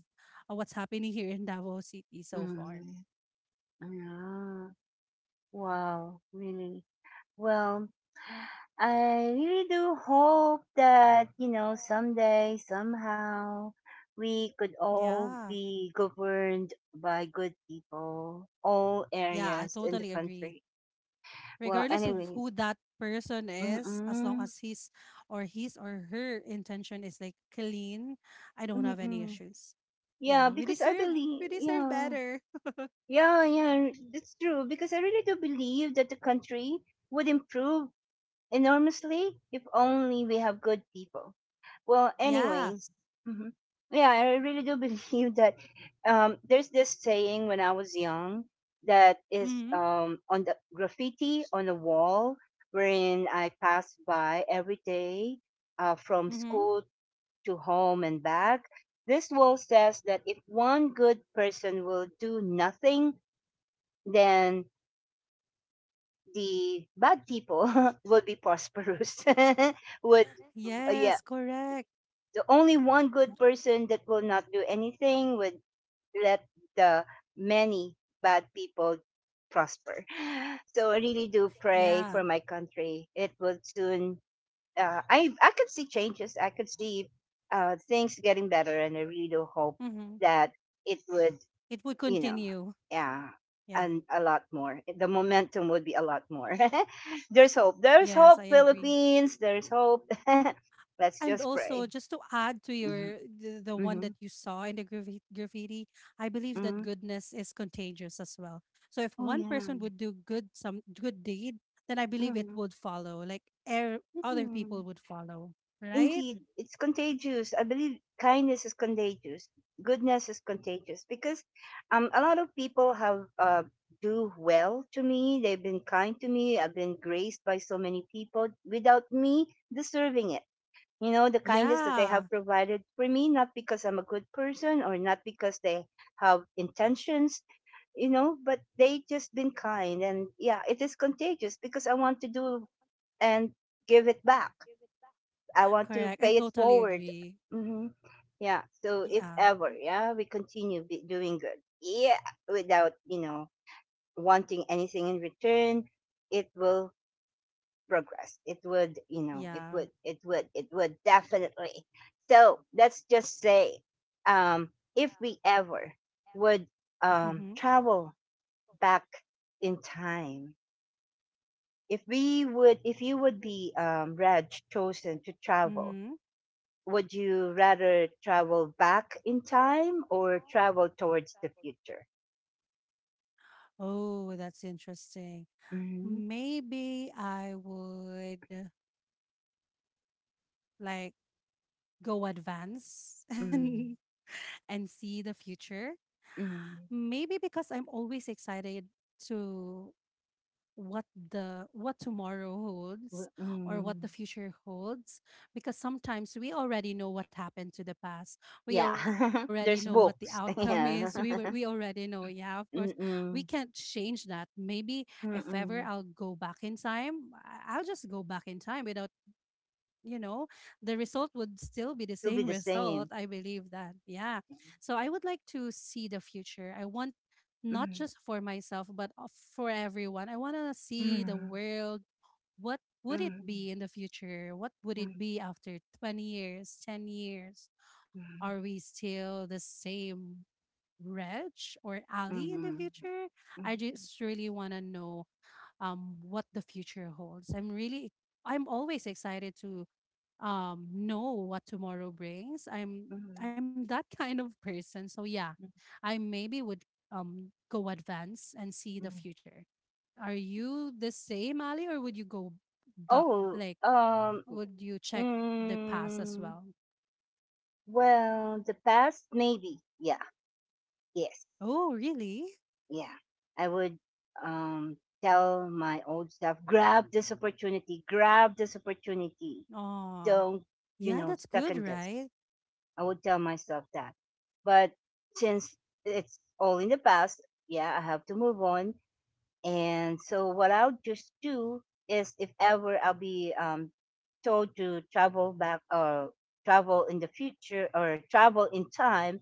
S2: what's happening here in Davao City so far.
S1: Mhm. Yeah. Wow, really. Well, I really do hope that, you know, someday, somehow, we could all
S2: Yeah.
S1: be governed by good people, all
S2: Yeah, I
S1: areas in the
S2: totally agree.
S1: country. Well,
S2: Regardless of
S1: anyways,
S2: who that person is, as long
S1: mm-mm,
S2: as his or her intention is like clean, I don't have any
S1: mm-mm.
S2: issues.
S1: Yeah,
S2: Yeah,
S1: because I believe,
S2: we deserve
S1: yeah,
S2: better.
S1: yeah, yeah, that's true. Because I really do believe that the country would improve enormously if only we have good people. Well,
S2: Yeah.
S1: anyways, hmm, yeah, I really do believe that there's this saying when I was young that is
S2: Mm-hmm,
S1: on the graffiti on the wall wherein I pass by every day from
S2: mm-hmm.
S1: school to home and back. This wall says that if one good person will do nothing, then the bad people will be prosperous, would
S2: Yes, correct.
S1: the only one good
S2: Tot-
S1: person that will not do anything would let the many bad people prosper. So I really do pray
S2: yeah.
S1: for my country. It will soon. I could see changes. I could see things getting better, and I really do hope
S2: Mm-hmm.
S1: that it would.
S2: It would
S1: You know,
S2: continue.
S1: yeah,
S2: Yeah.
S1: and a lot more. The momentum would be a lot more. There's hope. There's
S2: Yes, I
S1: hope,
S2: agree.
S1: Philippines. There's hope. Let's
S2: And
S1: just pray.
S2: also, just to add to your the one
S1: Mhm.
S2: that you saw in the graffiti, I believe that
S1: Mm.
S2: goodness is contagious as well. So if
S1: Oh,
S2: one
S1: yeah.
S2: person would do good some good deed, then I believe it
S1: Mm.
S2: would follow. Like other people
S1: Mm.
S2: would follow, right?
S1: Indeed, it's contagious. I believe kindness is contagious. Goodness is contagious because a lot of people have do well to me. They've been kind to me. I've been graced by so many people without me deserving it. You know, the kindness that they
S2: Yeah,
S1: have provided for me, not because I'm a good person or not because they have intentions, you know, but they just been kind. And yeah, it is contagious because I want to do and give it back. I want to
S2: correct. I
S1: pay it
S2: totally
S1: forward.
S2: agree.
S1: Hmm. Yeah. So if
S2: Yeah,
S1: ever, yeah, we continue be doing good, yeah, without you know wanting anything in return, it will progress. It would, you know,
S2: yeah.
S1: it would definitely. So let's just say, um, if we ever would
S2: Mm-hmm.
S1: travel back in time, if we would, if you would be Reg chosen to travel,
S2: Mm-hmm.
S1: would you rather travel back in time or travel towards the future?
S2: Oh, that's interesting.
S1: Mm-hmm.
S2: Maybe I would like go advance and
S1: Mm.
S2: see the future.
S1: Mm.
S2: Maybe because I'm always excited to what what tomorrow holds or what
S1: Mm.
S2: the future holds, because sometimes we already know what happened to the past, we
S1: Yeah,
S2: already know what the
S1: there's
S2: outcome
S1: books.
S2: is we we
S1: Yeah.
S2: already know yeah of course we can't
S1: Mm-mm.
S2: change that. Maybe if ever I'll
S1: Mm-mm.
S2: go back in time I'll just go back in time without, you know, the result would still be the
S1: Still be
S2: same
S1: the
S2: result.
S1: same.
S2: I believe that. Yeah. So I would like to see the future. I want not
S1: Mm,
S2: just for myself, but for everyone. I want to see the
S1: mm,
S2: world. What would it
S1: mm,
S2: be in the future? What would it
S1: mm,
S2: be after 20 years, 10 years? Are
S1: mm,
S2: we still the same Reg or Ali in the
S1: mm,
S2: future? I
S1: mm,
S2: just really want to know what the future holds. I'm really, I'm always excited to know what tomorrow brings. I'm
S1: mm,
S2: I'm that kind of person. So yeah, I maybe would go advance and see the
S1: mm.
S2: future. Are you the same, Ali, or would you go back?
S1: Oh,
S2: Like, would you check the past as
S1: mm,
S2: well?
S1: well, the past, maybe. Yeah, yes.
S2: Oh, really?
S1: Yeah, I would um, tell my old self, grab this opportunity, grab this opportunity.
S2: Oh,
S1: Don't, you
S2: yeah,
S1: know,
S2: that's good,
S1: second guess.
S2: right?
S1: I would tell myself that. But since it's all in the past, yeah, I have to move on. And so what I'll just do is if ever I'll be told to travel back or travel in the future or travel in time,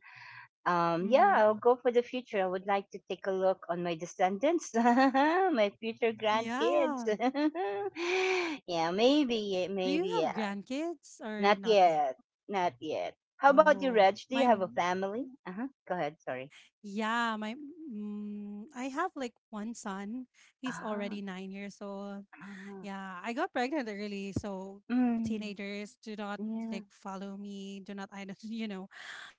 S1: yeah,
S2: Mm-hmm.
S1: I'll go for the future. I would like to take a look on my descendants, my future grandkids.
S2: Yeah.
S1: Yeah, maybe, yeah,
S2: Do you
S1: maybe,
S2: have
S1: yeah.
S2: grandkids or
S1: Not
S2: not yet?
S1: yet, not yet. How about you,
S2: Oh,
S1: Reg? Do you
S2: my
S1: have a
S2: m-
S1: family? Uh huh. Go ahead. Sorry.
S2: Yeah, my I have like one son.
S1: Uh
S2: He's
S1: huh.
S2: already 9 years old.
S1: Uh-huh.
S2: Yeah, I got pregnant early, so
S1: Mm,
S2: teenagers do not
S1: yeah.
S2: like follow me. Do not I don't you know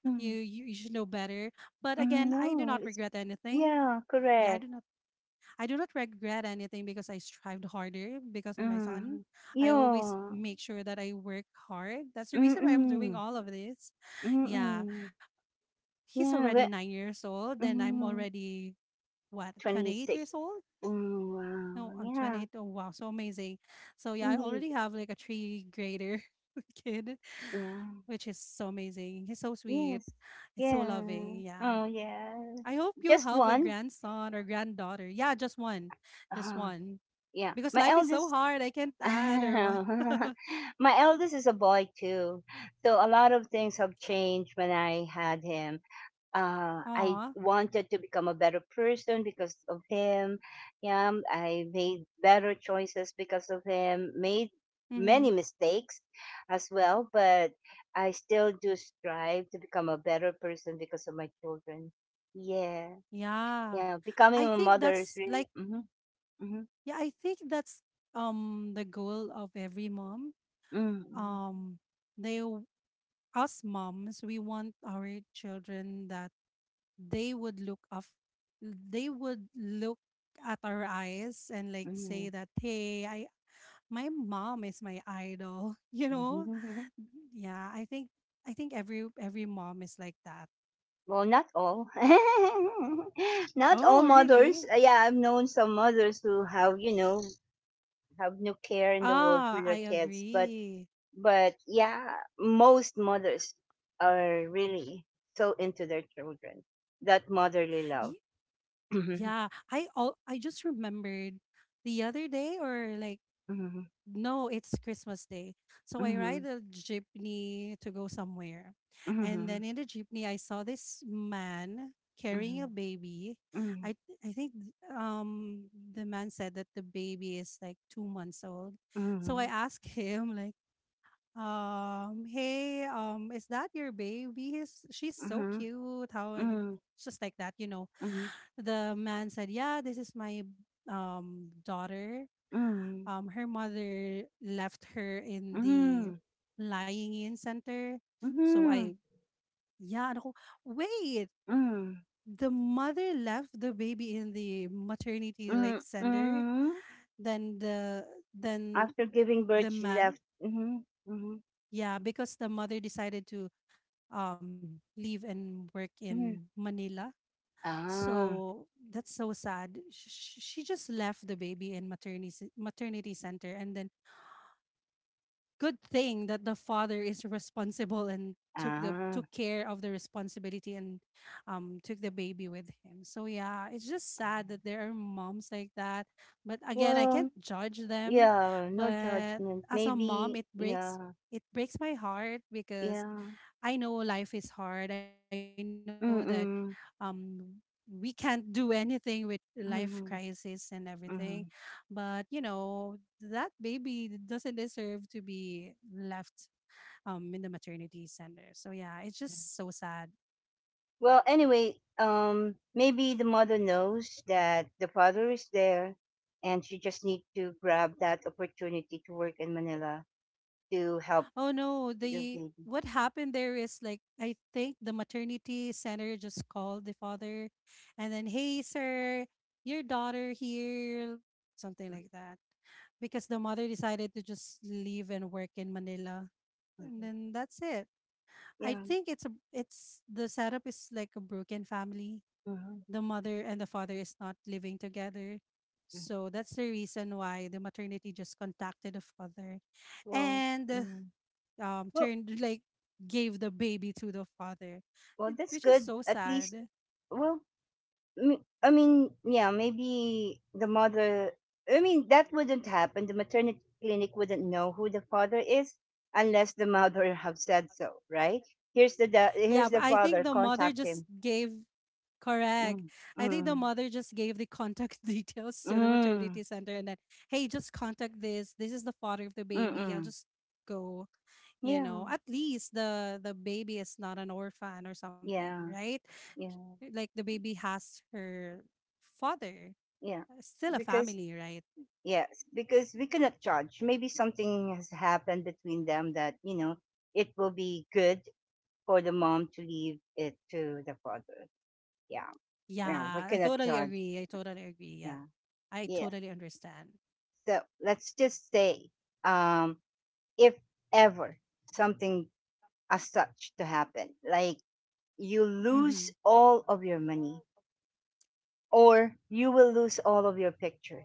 S1: Mm,
S2: you should know better. But again,
S1: mm,
S2: I do
S1: no,
S2: not
S1: it's
S2: regret anything.
S1: yeah,
S2: Yeah,
S1: correct.
S2: I do not regret anything because I strived harder because of my son.
S1: Mm,
S2: I always
S1: yeah.
S2: make sure that I work hard. That's the
S1: Mm
S2: reason why I'm doing
S1: mm.
S2: all of this.
S1: Mm
S2: Yeah,
S1: mm.
S2: he's
S1: Yeah.
S2: already
S1: But,
S2: 9 years old and I'm
S1: mm.
S2: already what 28
S1: 26.
S2: years old
S1: Mm,
S2: no
S1: wow.
S2: I'm
S1: Yeah,
S2: 28. Oh wow, so amazing. So yeah, I
S1: indeed.
S2: already have like a three grader kid,
S1: Yeah.
S2: which is so amazing. He's so sweet,
S1: Yes.
S2: he's so
S1: Yeah.
S2: loving. Yeah,
S1: Oh, yeah.
S2: I hope you'll
S1: Just
S2: have a
S1: one.
S2: grandson or granddaughter. Yeah, just one, just
S1: Uh,
S2: one,
S1: yeah.
S2: because
S1: My
S2: life is so
S1: eldest.
S2: hard, I can't add or what.
S1: My eldest is a boy too. So a lot of things have changed when I had him. I
S2: Aw.
S1: wanted to become a better person because of him. Yeah, I made better choices because of him. Made
S2: Mm-hmm.
S1: many mistakes as well, but I still do strive to become a better person because of my children. Yeah,
S2: Yeah.
S1: yeah. Becoming
S2: I
S1: a
S2: think
S1: mother is
S2: that's
S1: really.
S2: like
S1: Mm-hmm, mm-hmm,
S2: yeah, I think that's the goal of every mom.
S1: mm-hmm,
S2: Um they us moms, we want our children that they would look up, they would look at our eyes and like
S1: mm-hmm,
S2: say that, hey, I my mom is my idol. You know,
S1: mm-hmm.
S2: yeah. I think every mom is like that.
S1: Well, not all. Not all
S2: Oh,
S1: mothers.
S2: really?
S1: Yeah, I've known some mothers who have, you know, have no care in the world for
S2: Ah, I
S1: their kids. But
S2: agree.
S1: but yeah, most mothers are really so into their children, that motherly love.
S2: Ye-
S1: Mhm,
S2: Yeah, I all I just remembered the other day or like
S1: mhm,
S2: no, it's Christmas Day. So I ride
S1: mhm,
S2: a jeepney to go somewhere. And
S1: mhm,
S2: then in the jeepney, I saw this man carrying
S1: mhm,
S2: a baby. I think um the man said that the baby is like 2 months old. So I
S1: mhm,
S2: asked him like, hey, is that your baby? She's so
S1: mhm, mhm,
S2: cute. How I-"
S1: mhm,
S2: just like that, you know.
S1: mhm,
S2: The man said, yeah, this is my daughter.
S1: mhm,
S2: Her mother left her in the
S1: mhm,
S2: lying in center. So I,
S1: mhm,
S2: yeah, and ako, wait,
S1: mhm,
S2: the mother left the baby in the maternity like
S1: mhm,
S2: center.
S1: mhm.
S2: Then the then
S1: After giving
S2: the
S1: birth, she
S2: man,
S1: left. Mhm, mhm,
S2: yeah, because the mother decided to leave and work in
S1: mhm.
S2: Manila.
S1: Ah,
S2: So that's so sad. She just left the baby in maternity center, and then good thing that the father is responsible and took the
S1: ah.
S2: took care of the responsibility and took the baby with him. So yeah, it's just sad that there are moms like that. But again, I
S1: Well,
S2: can't judge them.
S1: yeah, no
S2: But
S1: judgment.
S2: as a mom,
S1: Maybe, yeah,
S2: it breaks my heart because
S1: yeah.
S2: I know life is hard. I know that
S1: Mm-mm,
S2: um, we can't do anything with life
S1: mm-mm,
S2: crisis and
S1: mm-mm.
S2: everything. But, you know, that baby doesn't deserve to be left in the maternity center. So, yeah, it's just so sad.
S1: Well, anyway, maybe the mother knows that the father is there, and she just need to grab that opportunity to work in Manila to help
S2: Oh no,
S1: the
S2: the
S1: baby.
S2: what happened there is like I think the maternity center just called the father and then, "Hey sir, your daughter here," something like that. Because the mother decided to just leave and work in Manila. And
S1: Mhm.
S2: then that's it. I
S1: Yeah.
S2: think it's a it's the setup is like a broken family.
S1: Mm-hmm.
S2: The mother and the father is not living together.
S1: Mm-hmm.
S2: So that's the reason why the maternity just contacted the father.
S1: Well,
S2: And
S1: mm. well,
S2: turned like gave the baby to the father,
S1: well, that's
S2: which is
S1: good.
S2: so
S1: At least,
S2: sad.
S1: well, I mean, yeah, maybe the mother. I mean, that wouldn't happen. The maternity clinic wouldn't know who the father is unless the mother have said so, right?
S2: Yeah,
S1: Here's
S2: but
S1: the
S2: I think
S1: father.
S2: the mother
S1: Contact
S2: just
S1: him.
S2: gave, correct,
S1: Mm,
S2: I think the
S1: mm,
S2: mother just gave the contact details to the
S1: mm,
S2: maternity center and then, "Hey, just contact this, this is the father of the
S1: mm,
S2: baby, I'll
S1: mm.
S2: just go." You
S1: Yeah,
S2: know, at least the baby is not an orphan or something,
S1: yeah,
S2: right?
S1: yeah,
S2: Like the baby has her father,
S1: yeah.
S2: still a
S1: Because
S2: family, right?
S1: yes, because we cannot judge. Maybe something has happened between them that you know it will be good for the mom to leave it to the father. Yeah, yeah, we
S2: Yeah, I
S1: cannot
S2: totally
S1: judge.
S2: agree. I totally agree. Yeah,
S1: Yeah,
S2: I
S1: yeah.
S2: totally understand.
S1: So let's just say, um, if ever something as such to happen, like you
S2: Mm-hmm.
S1: lose all of your money, or you will lose all of your pictures,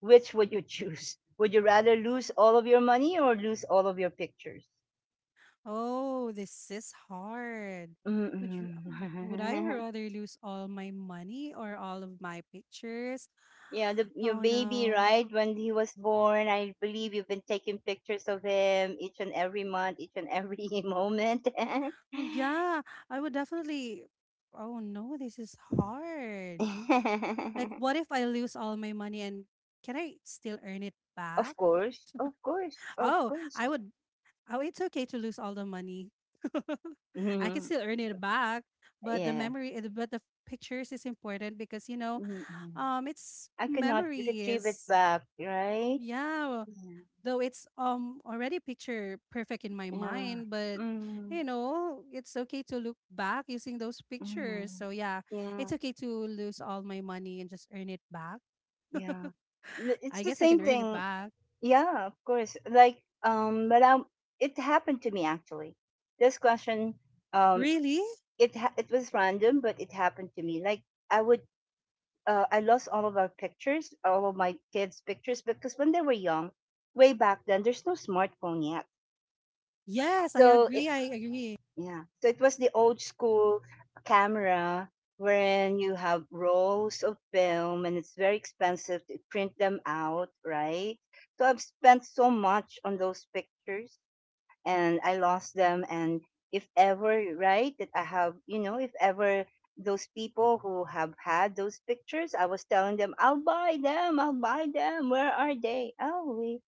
S1: which would you choose? Would you rather lose all of your money or lose all of your pictures?
S2: Oh, this is hard. Would you?
S1: Mm-mm.
S2: Would I rather lose all my money or all of my pictures?
S1: Yeah, the, your
S2: Oh
S1: baby,
S2: no.
S1: right? When he was born, I believe you've been taking pictures of him each and every month, each and every moment.
S2: Oh yeah, I would definitely. Oh no, this is hard. Like, what if I lose all my money and can I still earn it back?
S1: Of course, of course, of
S2: Oh,
S1: course.
S2: I would. Oh, it's okay to lose all the money. I can
S1: Mhm,
S2: still earn it back, but
S1: yeah.
S2: the pictures is important because
S1: Mhm.
S2: it's
S1: I cannot
S2: memory
S1: retrieve it
S2: is
S1: back, right?
S2: yeah.
S1: Yeah.
S2: Though it's already picture perfect in my
S1: Yeah.
S2: mind, but
S1: Mm,
S2: you know, it's okay to look back using those pictures.
S1: mm,
S2: So yeah, it's
S1: yeah.
S2: okay to lose all my money and just earn it back.
S1: Yeah. It's
S2: I
S1: the
S2: guess I can
S1: same
S2: earn it
S1: thing.
S2: back.
S1: Yeah, of course. Like, but it happened to me actually. This question, um,
S2: Really?
S1: it was random, but it happened to me. Like, I would, I lost all of our pictures, all of my kids' pictures, because when they were young, way back then, there's no smartphone yet.
S2: Yes, I
S1: So it,
S2: agree. I agree.
S1: yeah. So it was the old school camera wherein you have rolls of film and it's very expensive to print them out, right? So I've spent so much on those pictures and I lost them. And if ever, right, that I have, if ever those people who have had those pictures, I was telling them, I'll buy them, I'll buy them. Where are they? Oh, we,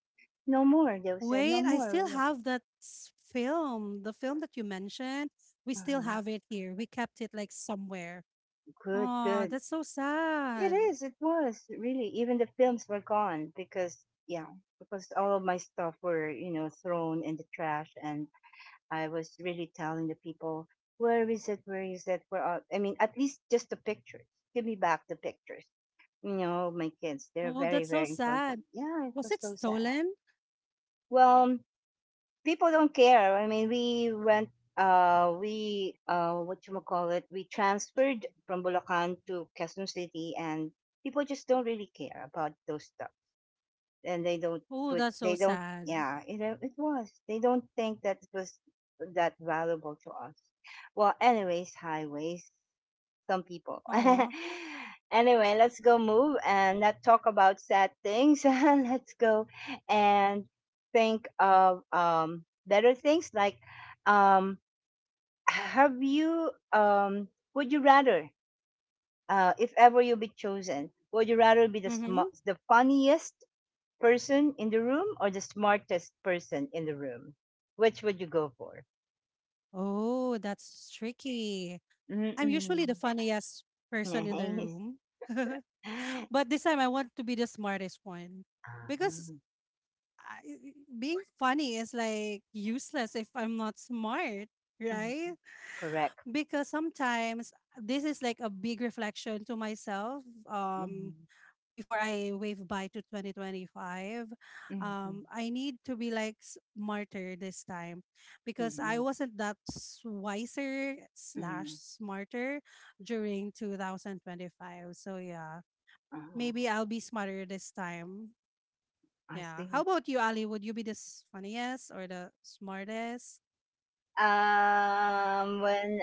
S1: no more. They said, no
S2: Wait, I
S1: more.
S2: still
S1: We were,
S2: have that film. The film that you mentioned, we still
S1: Uh,
S2: have it here. We kept it like somewhere.
S1: good,
S2: Oh,
S1: good.
S2: that's so
S1: It
S2: sad.
S1: is. It was really. Even the films were gone because, yeah, because all of my stuff were, thrown in the trash, and I was really telling the people, "Where is it? Where is it? Where?" I mean, at least just the pictures. Give me back the pictures. You know, my kids. They're
S2: Oh,
S1: very,
S2: that's so
S1: very important.
S2: sad.
S1: Yeah, it
S2: Was
S1: was
S2: it
S1: so sad.
S2: stolen?
S1: Well, people don't care. I mean, we went, we, what you call it, we transferred from Bulacan to Quezon City, and people just don't really care about those stuff, and they don't
S2: Oh,
S1: put,
S2: that's so
S1: they don't,
S2: sad.
S1: yeah, it was. They don't think that it was that valuable to us. Well, anyways, highways some people.
S2: Oh,
S1: Anyway, let's go move and not talk about sad things. Let's go and think of better things like um, have you, um, would you rather, if ever you be chosen, would you rather be
S2: mm-hmm.
S1: the funniest person in the room or the smartest person in the room? Which would you go for?
S2: Oh, that's tricky. I'm usually
S1: Mm-mm.
S2: the funniest person in the
S1: Nice.
S2: room. But this time I want to be the smartest one
S1: Ah,
S2: because
S1: mm,
S2: I, being funny is like useless if I'm not smart, right?
S1: correct.
S2: Because sometimes this is like a big reflection to myself.
S1: Mhm.
S2: Before I wave bye to 2025,
S1: Mhm,
S2: I need to be like smarter this time because I
S1: mhm,
S2: wasn't that wiser slash
S1: mm,
S2: smarter during 2025. So yeah,
S1: uh
S2: maybe I'll be smarter this time,
S1: I
S2: yeah. How
S1: see.
S2: about you, Ali? Would you be the funniest or the smartest?
S1: When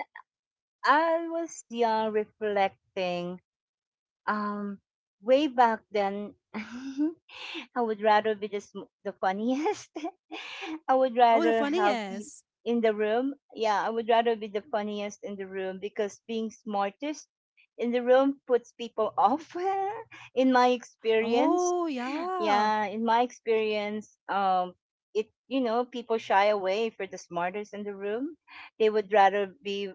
S1: I was young, reflecting, Um, way back then, I would rather be the funniest. I would
S2: Oh, the
S1: rather have the
S2: funniest.
S1: in the room. Yeah, I would rather be the funniest in the room because being smartest in the room puts people off. In my experience,
S2: Oh, yeah.
S1: yeah, in my experience, it people shy away for the smartest in the room. They would rather be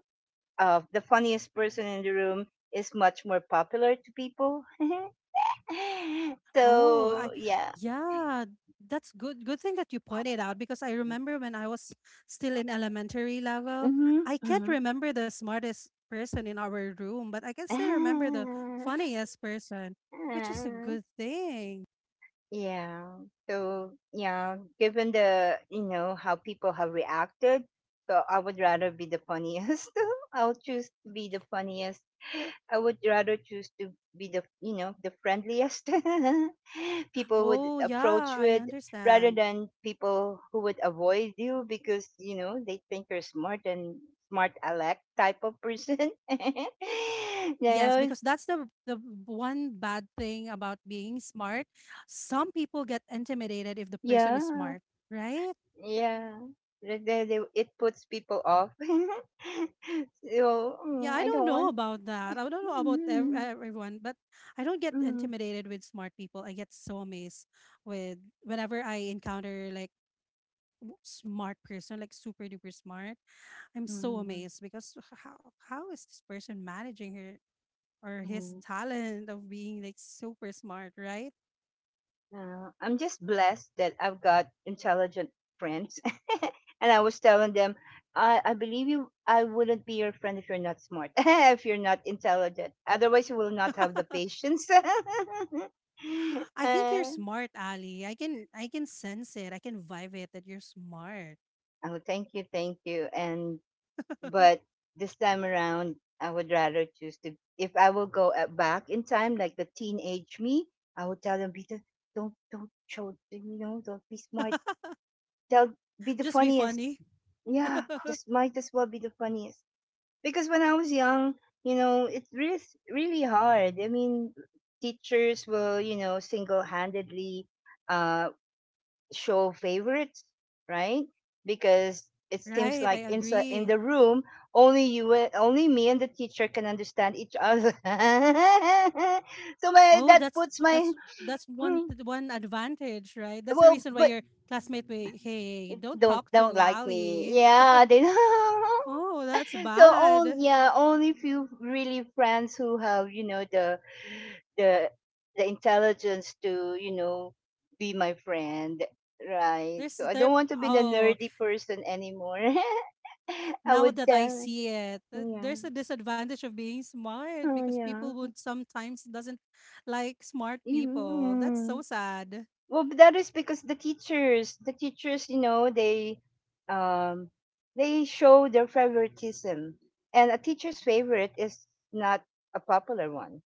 S1: the funniest person in the room is much more popular to people.
S2: Oh, I
S1: So yeah.
S2: Yeah, that's good. Good thing that you pointed out because I remember when I was still in elementary level, I can't
S1: Mm-hmm.
S2: remember the smartest person in our room, but I can still remember the
S1: Mm-hmm.
S2: funniest person, which is a good thing.
S1: Yeah. So yeah, given the you know how people have reacted, so I would rather be the funniest. I'll choose to be the funniest. I would rather choose to be the you know the friendliest people would
S2: Oh, yeah,
S1: approach
S2: I
S1: with, rather
S2: understand.
S1: than people who would avoid you because they think you're smart and smart aleck type of person.
S2: Yes,
S1: No,
S2: because that's the one bad thing about being smart. Some people get intimidated if the person is
S1: yeah.
S2: smart, right?
S1: Yeah. Like they, it puts people off. So
S2: Yeah, I
S1: I
S2: don't
S1: don't
S2: know
S1: want.
S2: about that. I don't know about
S1: Mm,
S2: everyone, but I don't get
S1: mm,
S2: intimidated with smart people. I get so amazed with whenever I encounter like smart person, like super duper smart. I'm so
S1: mm,
S2: amazed because how is this person managing her or his
S1: mm.
S2: talent of being like super smart, right?
S1: I'm just blessed that I've got intelligent friends, and I was telling them, I believe you. I wouldn't be your friend if you're not smart, if you're not intelligent. Otherwise, you will not have the patience.
S2: I think you're
S1: Oh,
S2: smart, Ali. I can sense it. I can vibe it that you're smart.
S1: thank you, and but this time around, I would rather choose to. If I will go at back in time, like the teenage me, I would tell them, Peter, don't show, don't be smart. Tell be the
S2: Just be
S1: funniest.
S2: funny.
S1: Yeah, just might as well be the funniest. Because when I was young, it's really really hard. I mean, teachers will, single-handedly, uh show favorites, right? Because it seems
S2: Right,
S1: like
S2: I
S1: inside in
S2: agree.
S1: the room, only me and the teacher can understand each other. So my,
S2: Oh,
S1: that
S2: that's
S1: puts my,
S2: that's that's one
S1: mm,
S2: one advantage, right? That's the
S1: well,
S2: reason why
S1: but
S2: your classmate will, "Hey, don't
S1: don't
S2: talk
S1: don't
S2: to
S1: like me.
S2: Ali."
S1: Yeah, they
S2: Oh, that's
S1: So on,
S2: bad.
S1: yeah, only few really friends who have the the intelligence to be my friend, right?
S2: There's
S1: So I
S2: there
S1: don't want to be the
S2: Oh,
S1: nerdy person anymore. I
S2: now
S1: would
S2: that I
S1: tell,
S2: see it,
S1: yeah,
S2: there's a disadvantage of being smart
S1: oh
S2: because people
S1: yeah.
S2: would sometimes doesn't like smart
S1: You-
S2: people. That's so
S1: mm.
S2: sad.
S1: Well, but that is because the teachers, um they show their favoritism, and a teacher's favorite is not a popular one,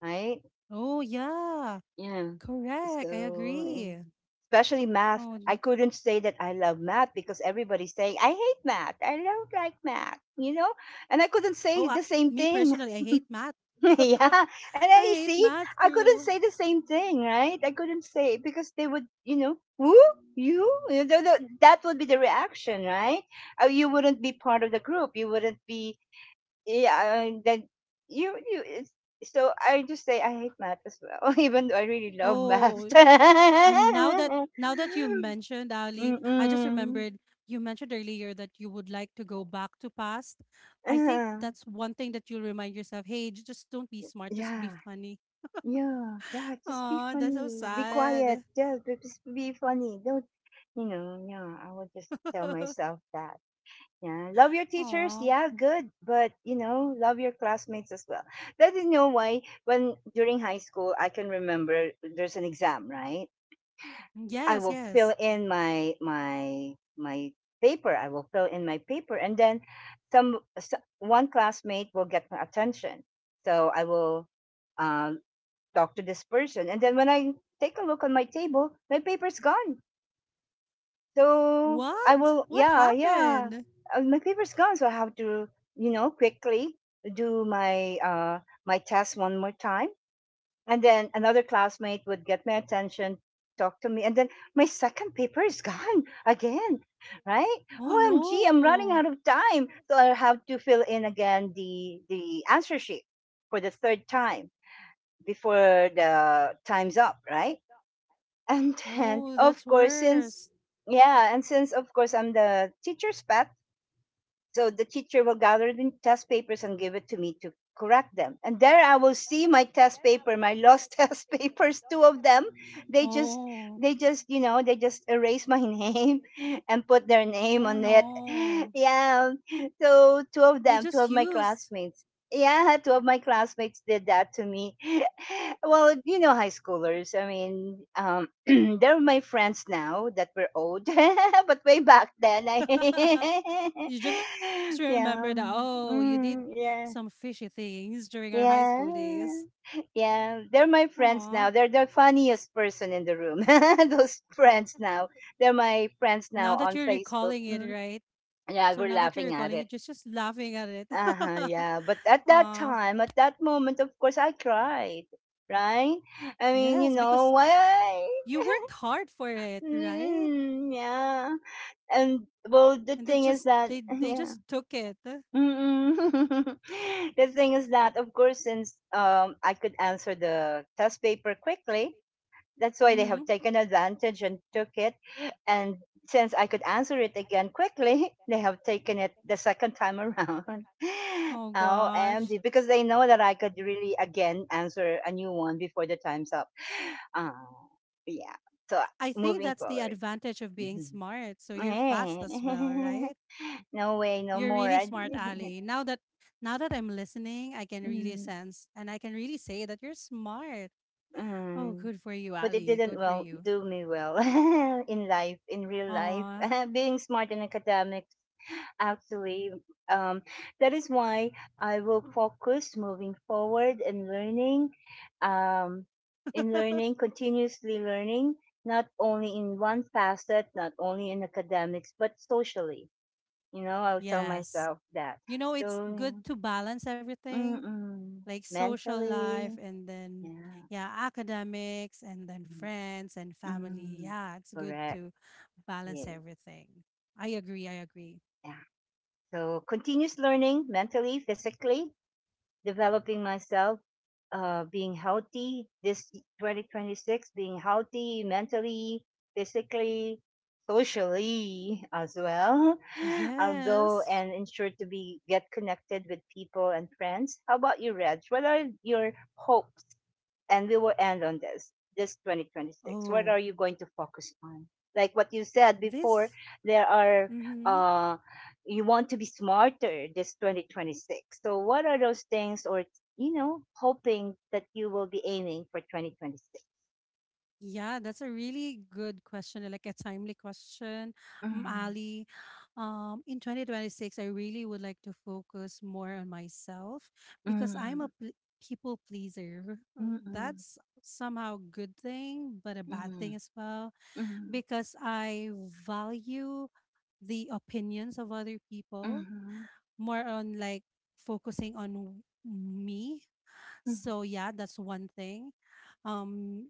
S1: right?
S2: Oh yeah,
S1: Yeah.
S2: correct. I
S1: So, mm,
S2: agree.
S1: especially math,
S2: Oh,
S1: I
S2: n-
S1: couldn't say that I love math because everybody's saying, I hate math. I don't like math, you know? And I couldn't
S2: oh,
S1: say the
S2: me
S1: same
S2: personally, I
S1: thing.
S2: hate math.
S1: Yeah.
S2: I
S1: And then
S2: hate
S1: you see,
S2: math
S1: I
S2: too.
S1: couldn't say the same thing, right? I couldn't say because they would, who? You? You know, that would be the reaction, right? You wouldn't be part of the group. You wouldn't be, yeah, and then you you it's, so I just say I hate math as well, even though I really love math.
S2: Oh, I now that now that you mentioned Ali, I just
S1: Mm-mm.
S2: remembered you mentioned earlier that you would like to go back to past. I think
S1: Uh,
S2: that's one thing that you'll remind yourself. Hey, just don't be smart, just be
S1: yeah,
S2: funny.
S1: yeah, yeah. Just be
S2: Oh, that's so
S1: funny. Be quiet.
S2: sad.
S1: Just be funny. Don't. Yeah, I would just tell myself that. Yeah, love your teachers.
S2: Oh,
S1: Yeah, good. But love your classmates as well. That is why. When during high school, I can remember there's an exam, right? I
S2: yes,
S1: will fill
S2: yes.
S1: in my paper. I will fill in my paper, and then some s one classmate will get my attention. So I will, uh, talk to this person, and then when I take a look on my table, my paper's gone. So I
S2: What?
S1: will,
S2: What
S1: yeah, yeah,
S2: happened?
S1: my paper's gone. So I have to, quickly do my test one more time, and then another classmate would get my attention, talk to me, and then my second paper is gone again, right?
S2: Oh
S1: OMG, I'm running
S2: no.
S1: out of time, so I'll have to fill in again the answer sheet for the third time before the time's up, right? And then,
S2: Oh,
S1: of
S2: that's
S1: course, since,
S2: worse.
S1: yeah, and since, of course, I'm the teacher's pet, so the teacher will gather the test papers and give it to me to correct them. And there I will see my test paper, my lost test papers, two of them. They just
S2: Young. Oh,
S1: they just erase my name and put their name
S2: oh, yeah.
S1: on it.
S2: No.
S1: Yeah. So two
S2: They
S1: of
S2: just
S1: them, two of my
S2: used.
S1: classmates. Yeah, two of my classmates did that to me. Well, high schoolers. I mean, they're my friends now that we're old, but way back then, I
S2: You just remember that, oh,
S1: yeah,
S2: you did some
S1: mm,
S2: fishy
S1: yeah,
S2: things during our high school days.
S1: yeah, yeah. They're my
S2: Aw.
S1: friends now. They're the funniest person in the room. Those friends now. They're my friends
S2: Now
S1: now
S2: that
S1: on
S2: you're
S1: Facebook.
S2: recalling it,
S1: Mm.
S2: right?
S1: Yeah,
S2: So
S1: we're
S2: now that you're
S1: laughing at
S2: recalling
S1: it.
S2: it, just laughing at it.
S1: Uh-huh, yeah. But at that
S2: Aw.
S1: time, at that moment, of course, I cried, right? I mean,
S2: Yes, because
S1: why?
S2: you worked hard for it, right?
S1: Mm, yeah. And well, the
S2: And
S1: thing is that,
S2: they
S1: yeah.
S2: just took it.
S1: Mm-mm. The thing is that, of course, since I could answer the test paper quickly, that's why they have
S2: Mm-hmm.
S1: taken advantage and took it. And since I could answer it again quickly, they have taken it the second time around.
S2: Oh gosh.
S1: OMG, because they know that I could really again answer a new one before the time's up. Uh, yeah. So
S2: I think
S1: moving
S2: that's the
S1: forward.
S2: advantage of being
S1: Mhm.
S2: smart. So you're fast as well, right?
S1: No way, no
S2: You're
S1: more.
S2: really smart, Ali. Now that I'm listening, I can really
S1: Mm,
S2: sense and I can really say that you're smart. Oh,
S1: mm.
S2: good for you,
S1: But it
S2: Ali.
S1: didn't
S2: Good for
S1: well
S2: you.
S1: do me well in life, in real life.
S2: Aw.
S1: Being smart in academics. Actually, um, that is why I will focus moving forward in learning, um, continuously learning, not only in one facet, not only in academics, but socially. You know, I'll tell
S2: Yes.
S1: myself that.
S2: You know, it's good
S1: So,
S2: to balance everything,
S1: mm-mm,
S2: like social life
S1: mentally,
S2: and then,
S1: yeah,
S2: yeah, academics and then friends and family.
S1: mm,
S2: Yeah, it's good
S1: correct,
S2: to balance
S1: yeah,
S2: everything. I agree. I agree.
S1: yeah. So, continuous learning, mentally, physically, developing myself, being healthy this 2026, being healthy mentally, physically, socially as well. I'll go
S2: Yes.
S1: and ensure to be get connected with people and friends. How about you, Reg? What are your hopes, and we will end on This 2026, what
S2: Oh,
S1: are you going to focus on, like what you said before?
S2: this.
S1: There are,
S2: Mm-hmm.
S1: uh you want to be smarter this 2026, so what are those things, or, hoping that you will be aiming for 2026?
S2: Yeah, that's a really good question, like a timely question, mm,
S1: Mhm,
S2: Ali. In 2026, I really would like to focus more on myself because I'm a people pleaser.
S1: mhm,
S2: That's somehow a good thing, but a
S1: mhm,
S2: bad thing as well
S1: mhm, mhm,
S2: because I value the opinions of other people more on like focusing on me.
S1: mhm,
S2: So yeah, that's one thing. Um,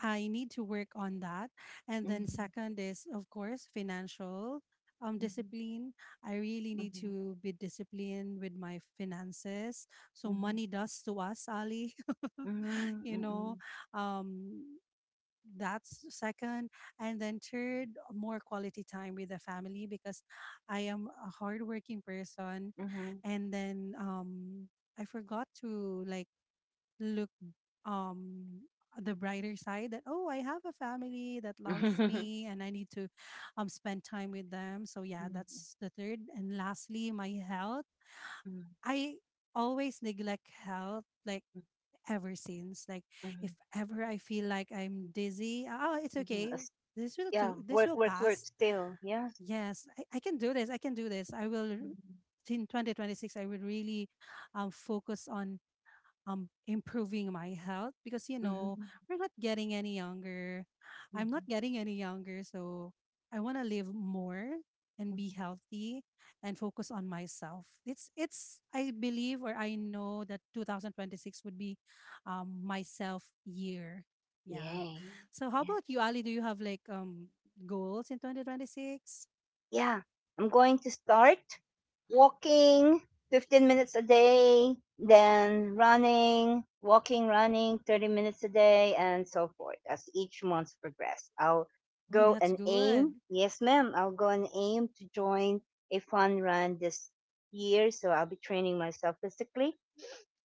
S2: I need to work on that.
S1: mhm,
S2: And then
S1: mhm,
S2: second is, of course, financial discipline. I really
S1: mhm,
S2: need
S1: mhm,
S2: to be disciplined with my finances. So
S1: mhm,
S2: money does to us, Ali.
S1: mhm, mhm,
S2: you
S1: mhm,
S2: know, um, that's second. And then third, more quality time with the family because I am a hardworking person.
S1: mhm,
S2: And then I forgot to look, um the brighter side that oh, I have a family that loves
S1: mhm,
S2: me and I need to spend time with them. So yeah, that's the third, and lastly my health.
S1: mhm,
S2: I always neglect health, like ever since, like if
S1: mhm,
S2: ever I feel like I'm dizzy, oh, it's
S1: mhm,
S2: okay,
S1: mhm. Yeah,
S2: this
S1: work,
S2: will
S1: work, work
S2: pass.
S1: still. Yeah.
S2: I can do this, I can do this, I will, in 2026 I will really focus on improving my health because you know,
S1: Mm-hmm.
S2: we're not getting any younger, I'm not
S1: Hmm,
S2: getting any younger, so I want to live more and be
S1: hmm.
S2: healthy and focus on myself. It's I believe or I know that 2026 would be myself year, yeah.
S1: Yay.
S2: So how
S1: Yeah.
S2: about you, Ali? Do you have like goals in 2026?
S1: Yeah. I'm going to start walking 15 minutes a day, then running, walking, running 30 minutes a day, and so forth as each month progress. I'll
S2: Oh,
S1: go
S2: that's
S1: and
S2: good.
S1: aim. Yes, ma'am. I'll go and aim to join a fun run this year. So I'll be training myself physically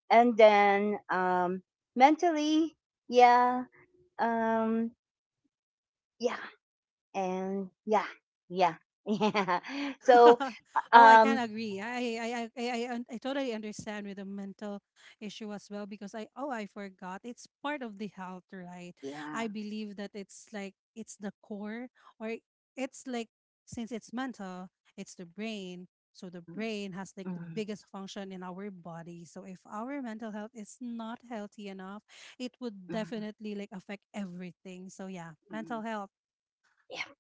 S1: and then, mentally. Yeah. um yeah. And yeah, yeah. Yeah. So,
S2: Oh, I can
S1: um
S2: agree. I totally understand with the mental issue as well because I oh, I forgot it's part of the health, right?
S1: yeah.
S2: I believe that it's the core, or it's like since it's mental, it's the brain. So the
S1: Mm,
S2: brain has like the
S1: mm,
S2: biggest function in our body. So if our mental health is not healthy enough, it would
S1: mm,
S2: definitely like affect everything. So yeah,
S1: mm.
S2: mental health.
S1: Yeah,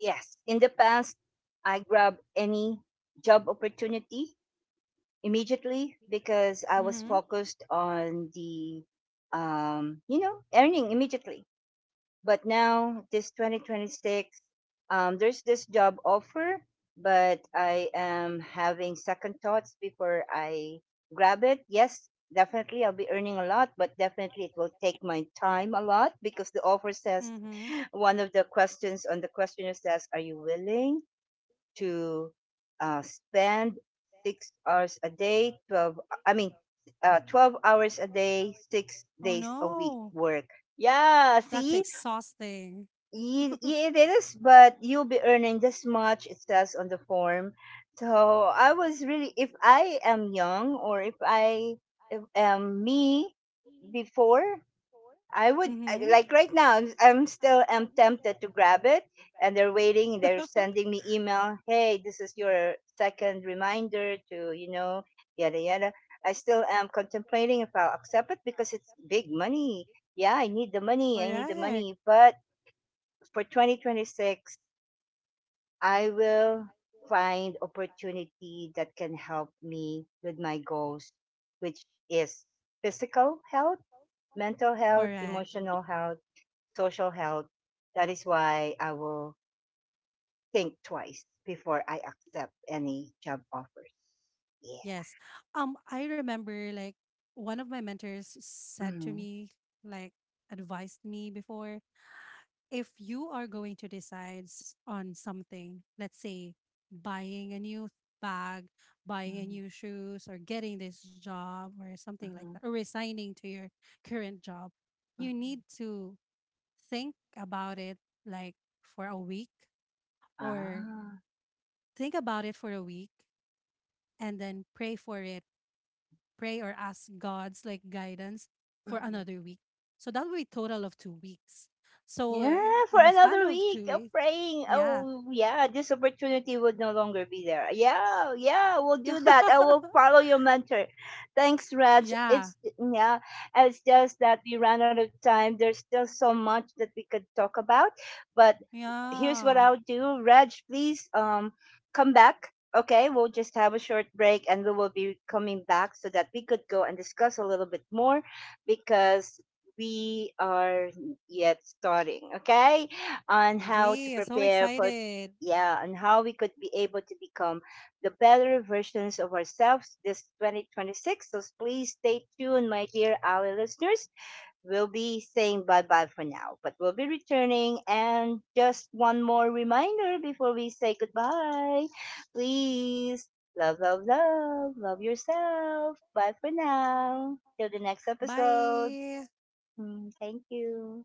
S1: yes, in the past, I grab any job opportunity immediately because I was
S2: Mhm.
S1: focused on the earning immediately. But now, this 2026, there's this job offer, but I am having second thoughts before I grab it. Yes, definitely, I'll be earning a lot, but definitely it will take my time a lot because the offer says
S2: Mhm.
S1: one of the questions on the questionnaire says, are you willing to, spend 6 hours a day, 12, I mean, 12 hours a day, six
S2: Oh
S1: days a week,
S2: no.
S1: work? Yeah,
S2: That's
S1: see.
S2: exhausting.
S1: It is, but you'll be earning this much, it says on the form. So I was really, if I am young, or if I, if,
S2: I
S1: am me before, I
S2: am
S1: would,
S2: Mm-hmm.
S1: like right now, I'm still am tempted to grab it, and they're waiting, they're sending me email, hey, this is your second reminder to, yada, yada. I still am contemplating if I'll accept it because it's big money. Yeah, I need the money. I need the
S2: Correct.
S1: money. But for 2026, I will find opportunity that can help me with my goals, which is physical health, mental health,
S2: Correct.
S1: emotional health, social health. That is why I will think twice before I accept any job offers. Yeah.
S2: Yes. I remember like one of my mentors said to
S1: Mm-hmm.
S2: me, like advised me before, if you are going to decide on something, let's say buying a new bag, buying a new shoes, or getting this job or something like that,
S1: Mm-hmm.
S2: or resigning to your current job, you
S1: Mm-hmm.
S2: need to think about it like for a week, or
S1: Ah.
S2: think about it for a week and then pray for it. Pray or ask God's like guidance for
S1: Mm-hmm.
S2: another week. So that will be total of 2 weeks. So
S1: Yeah, for
S2: in a span
S1: another
S2: of two
S1: week of
S2: weeks,
S1: praying.
S2: yeah.
S1: Oh, yeah, this opportunity would no longer be there. Yeah, yeah, we'll
S2: Yeah.
S1: do that. I will follow your mentor. Thanks, Raj.
S2: Yeah.
S1: Yeah, it's just that we ran out of time. There's still so much that we could talk about, but here's what
S2: Yeah.
S1: I'll do. Raj, please, come back. Okay, we'll just have a short break and we will be coming back so that we could go and discuss a little bit more, because we are yet starting, okay? On how to
S2: Yeah. So
S1: prepare for,
S2: excited.
S1: yeah, and how we could be able to become the better versions of ourselves this 2026. So please stay tuned, my dear Ali listeners. We'll be saying bye bye for now, but we'll be returning. And just one more reminder before we say goodbye, please love, love, love, love yourself. Bye for now. Till the next episode.
S2: Bye.
S1: Mm, thank you.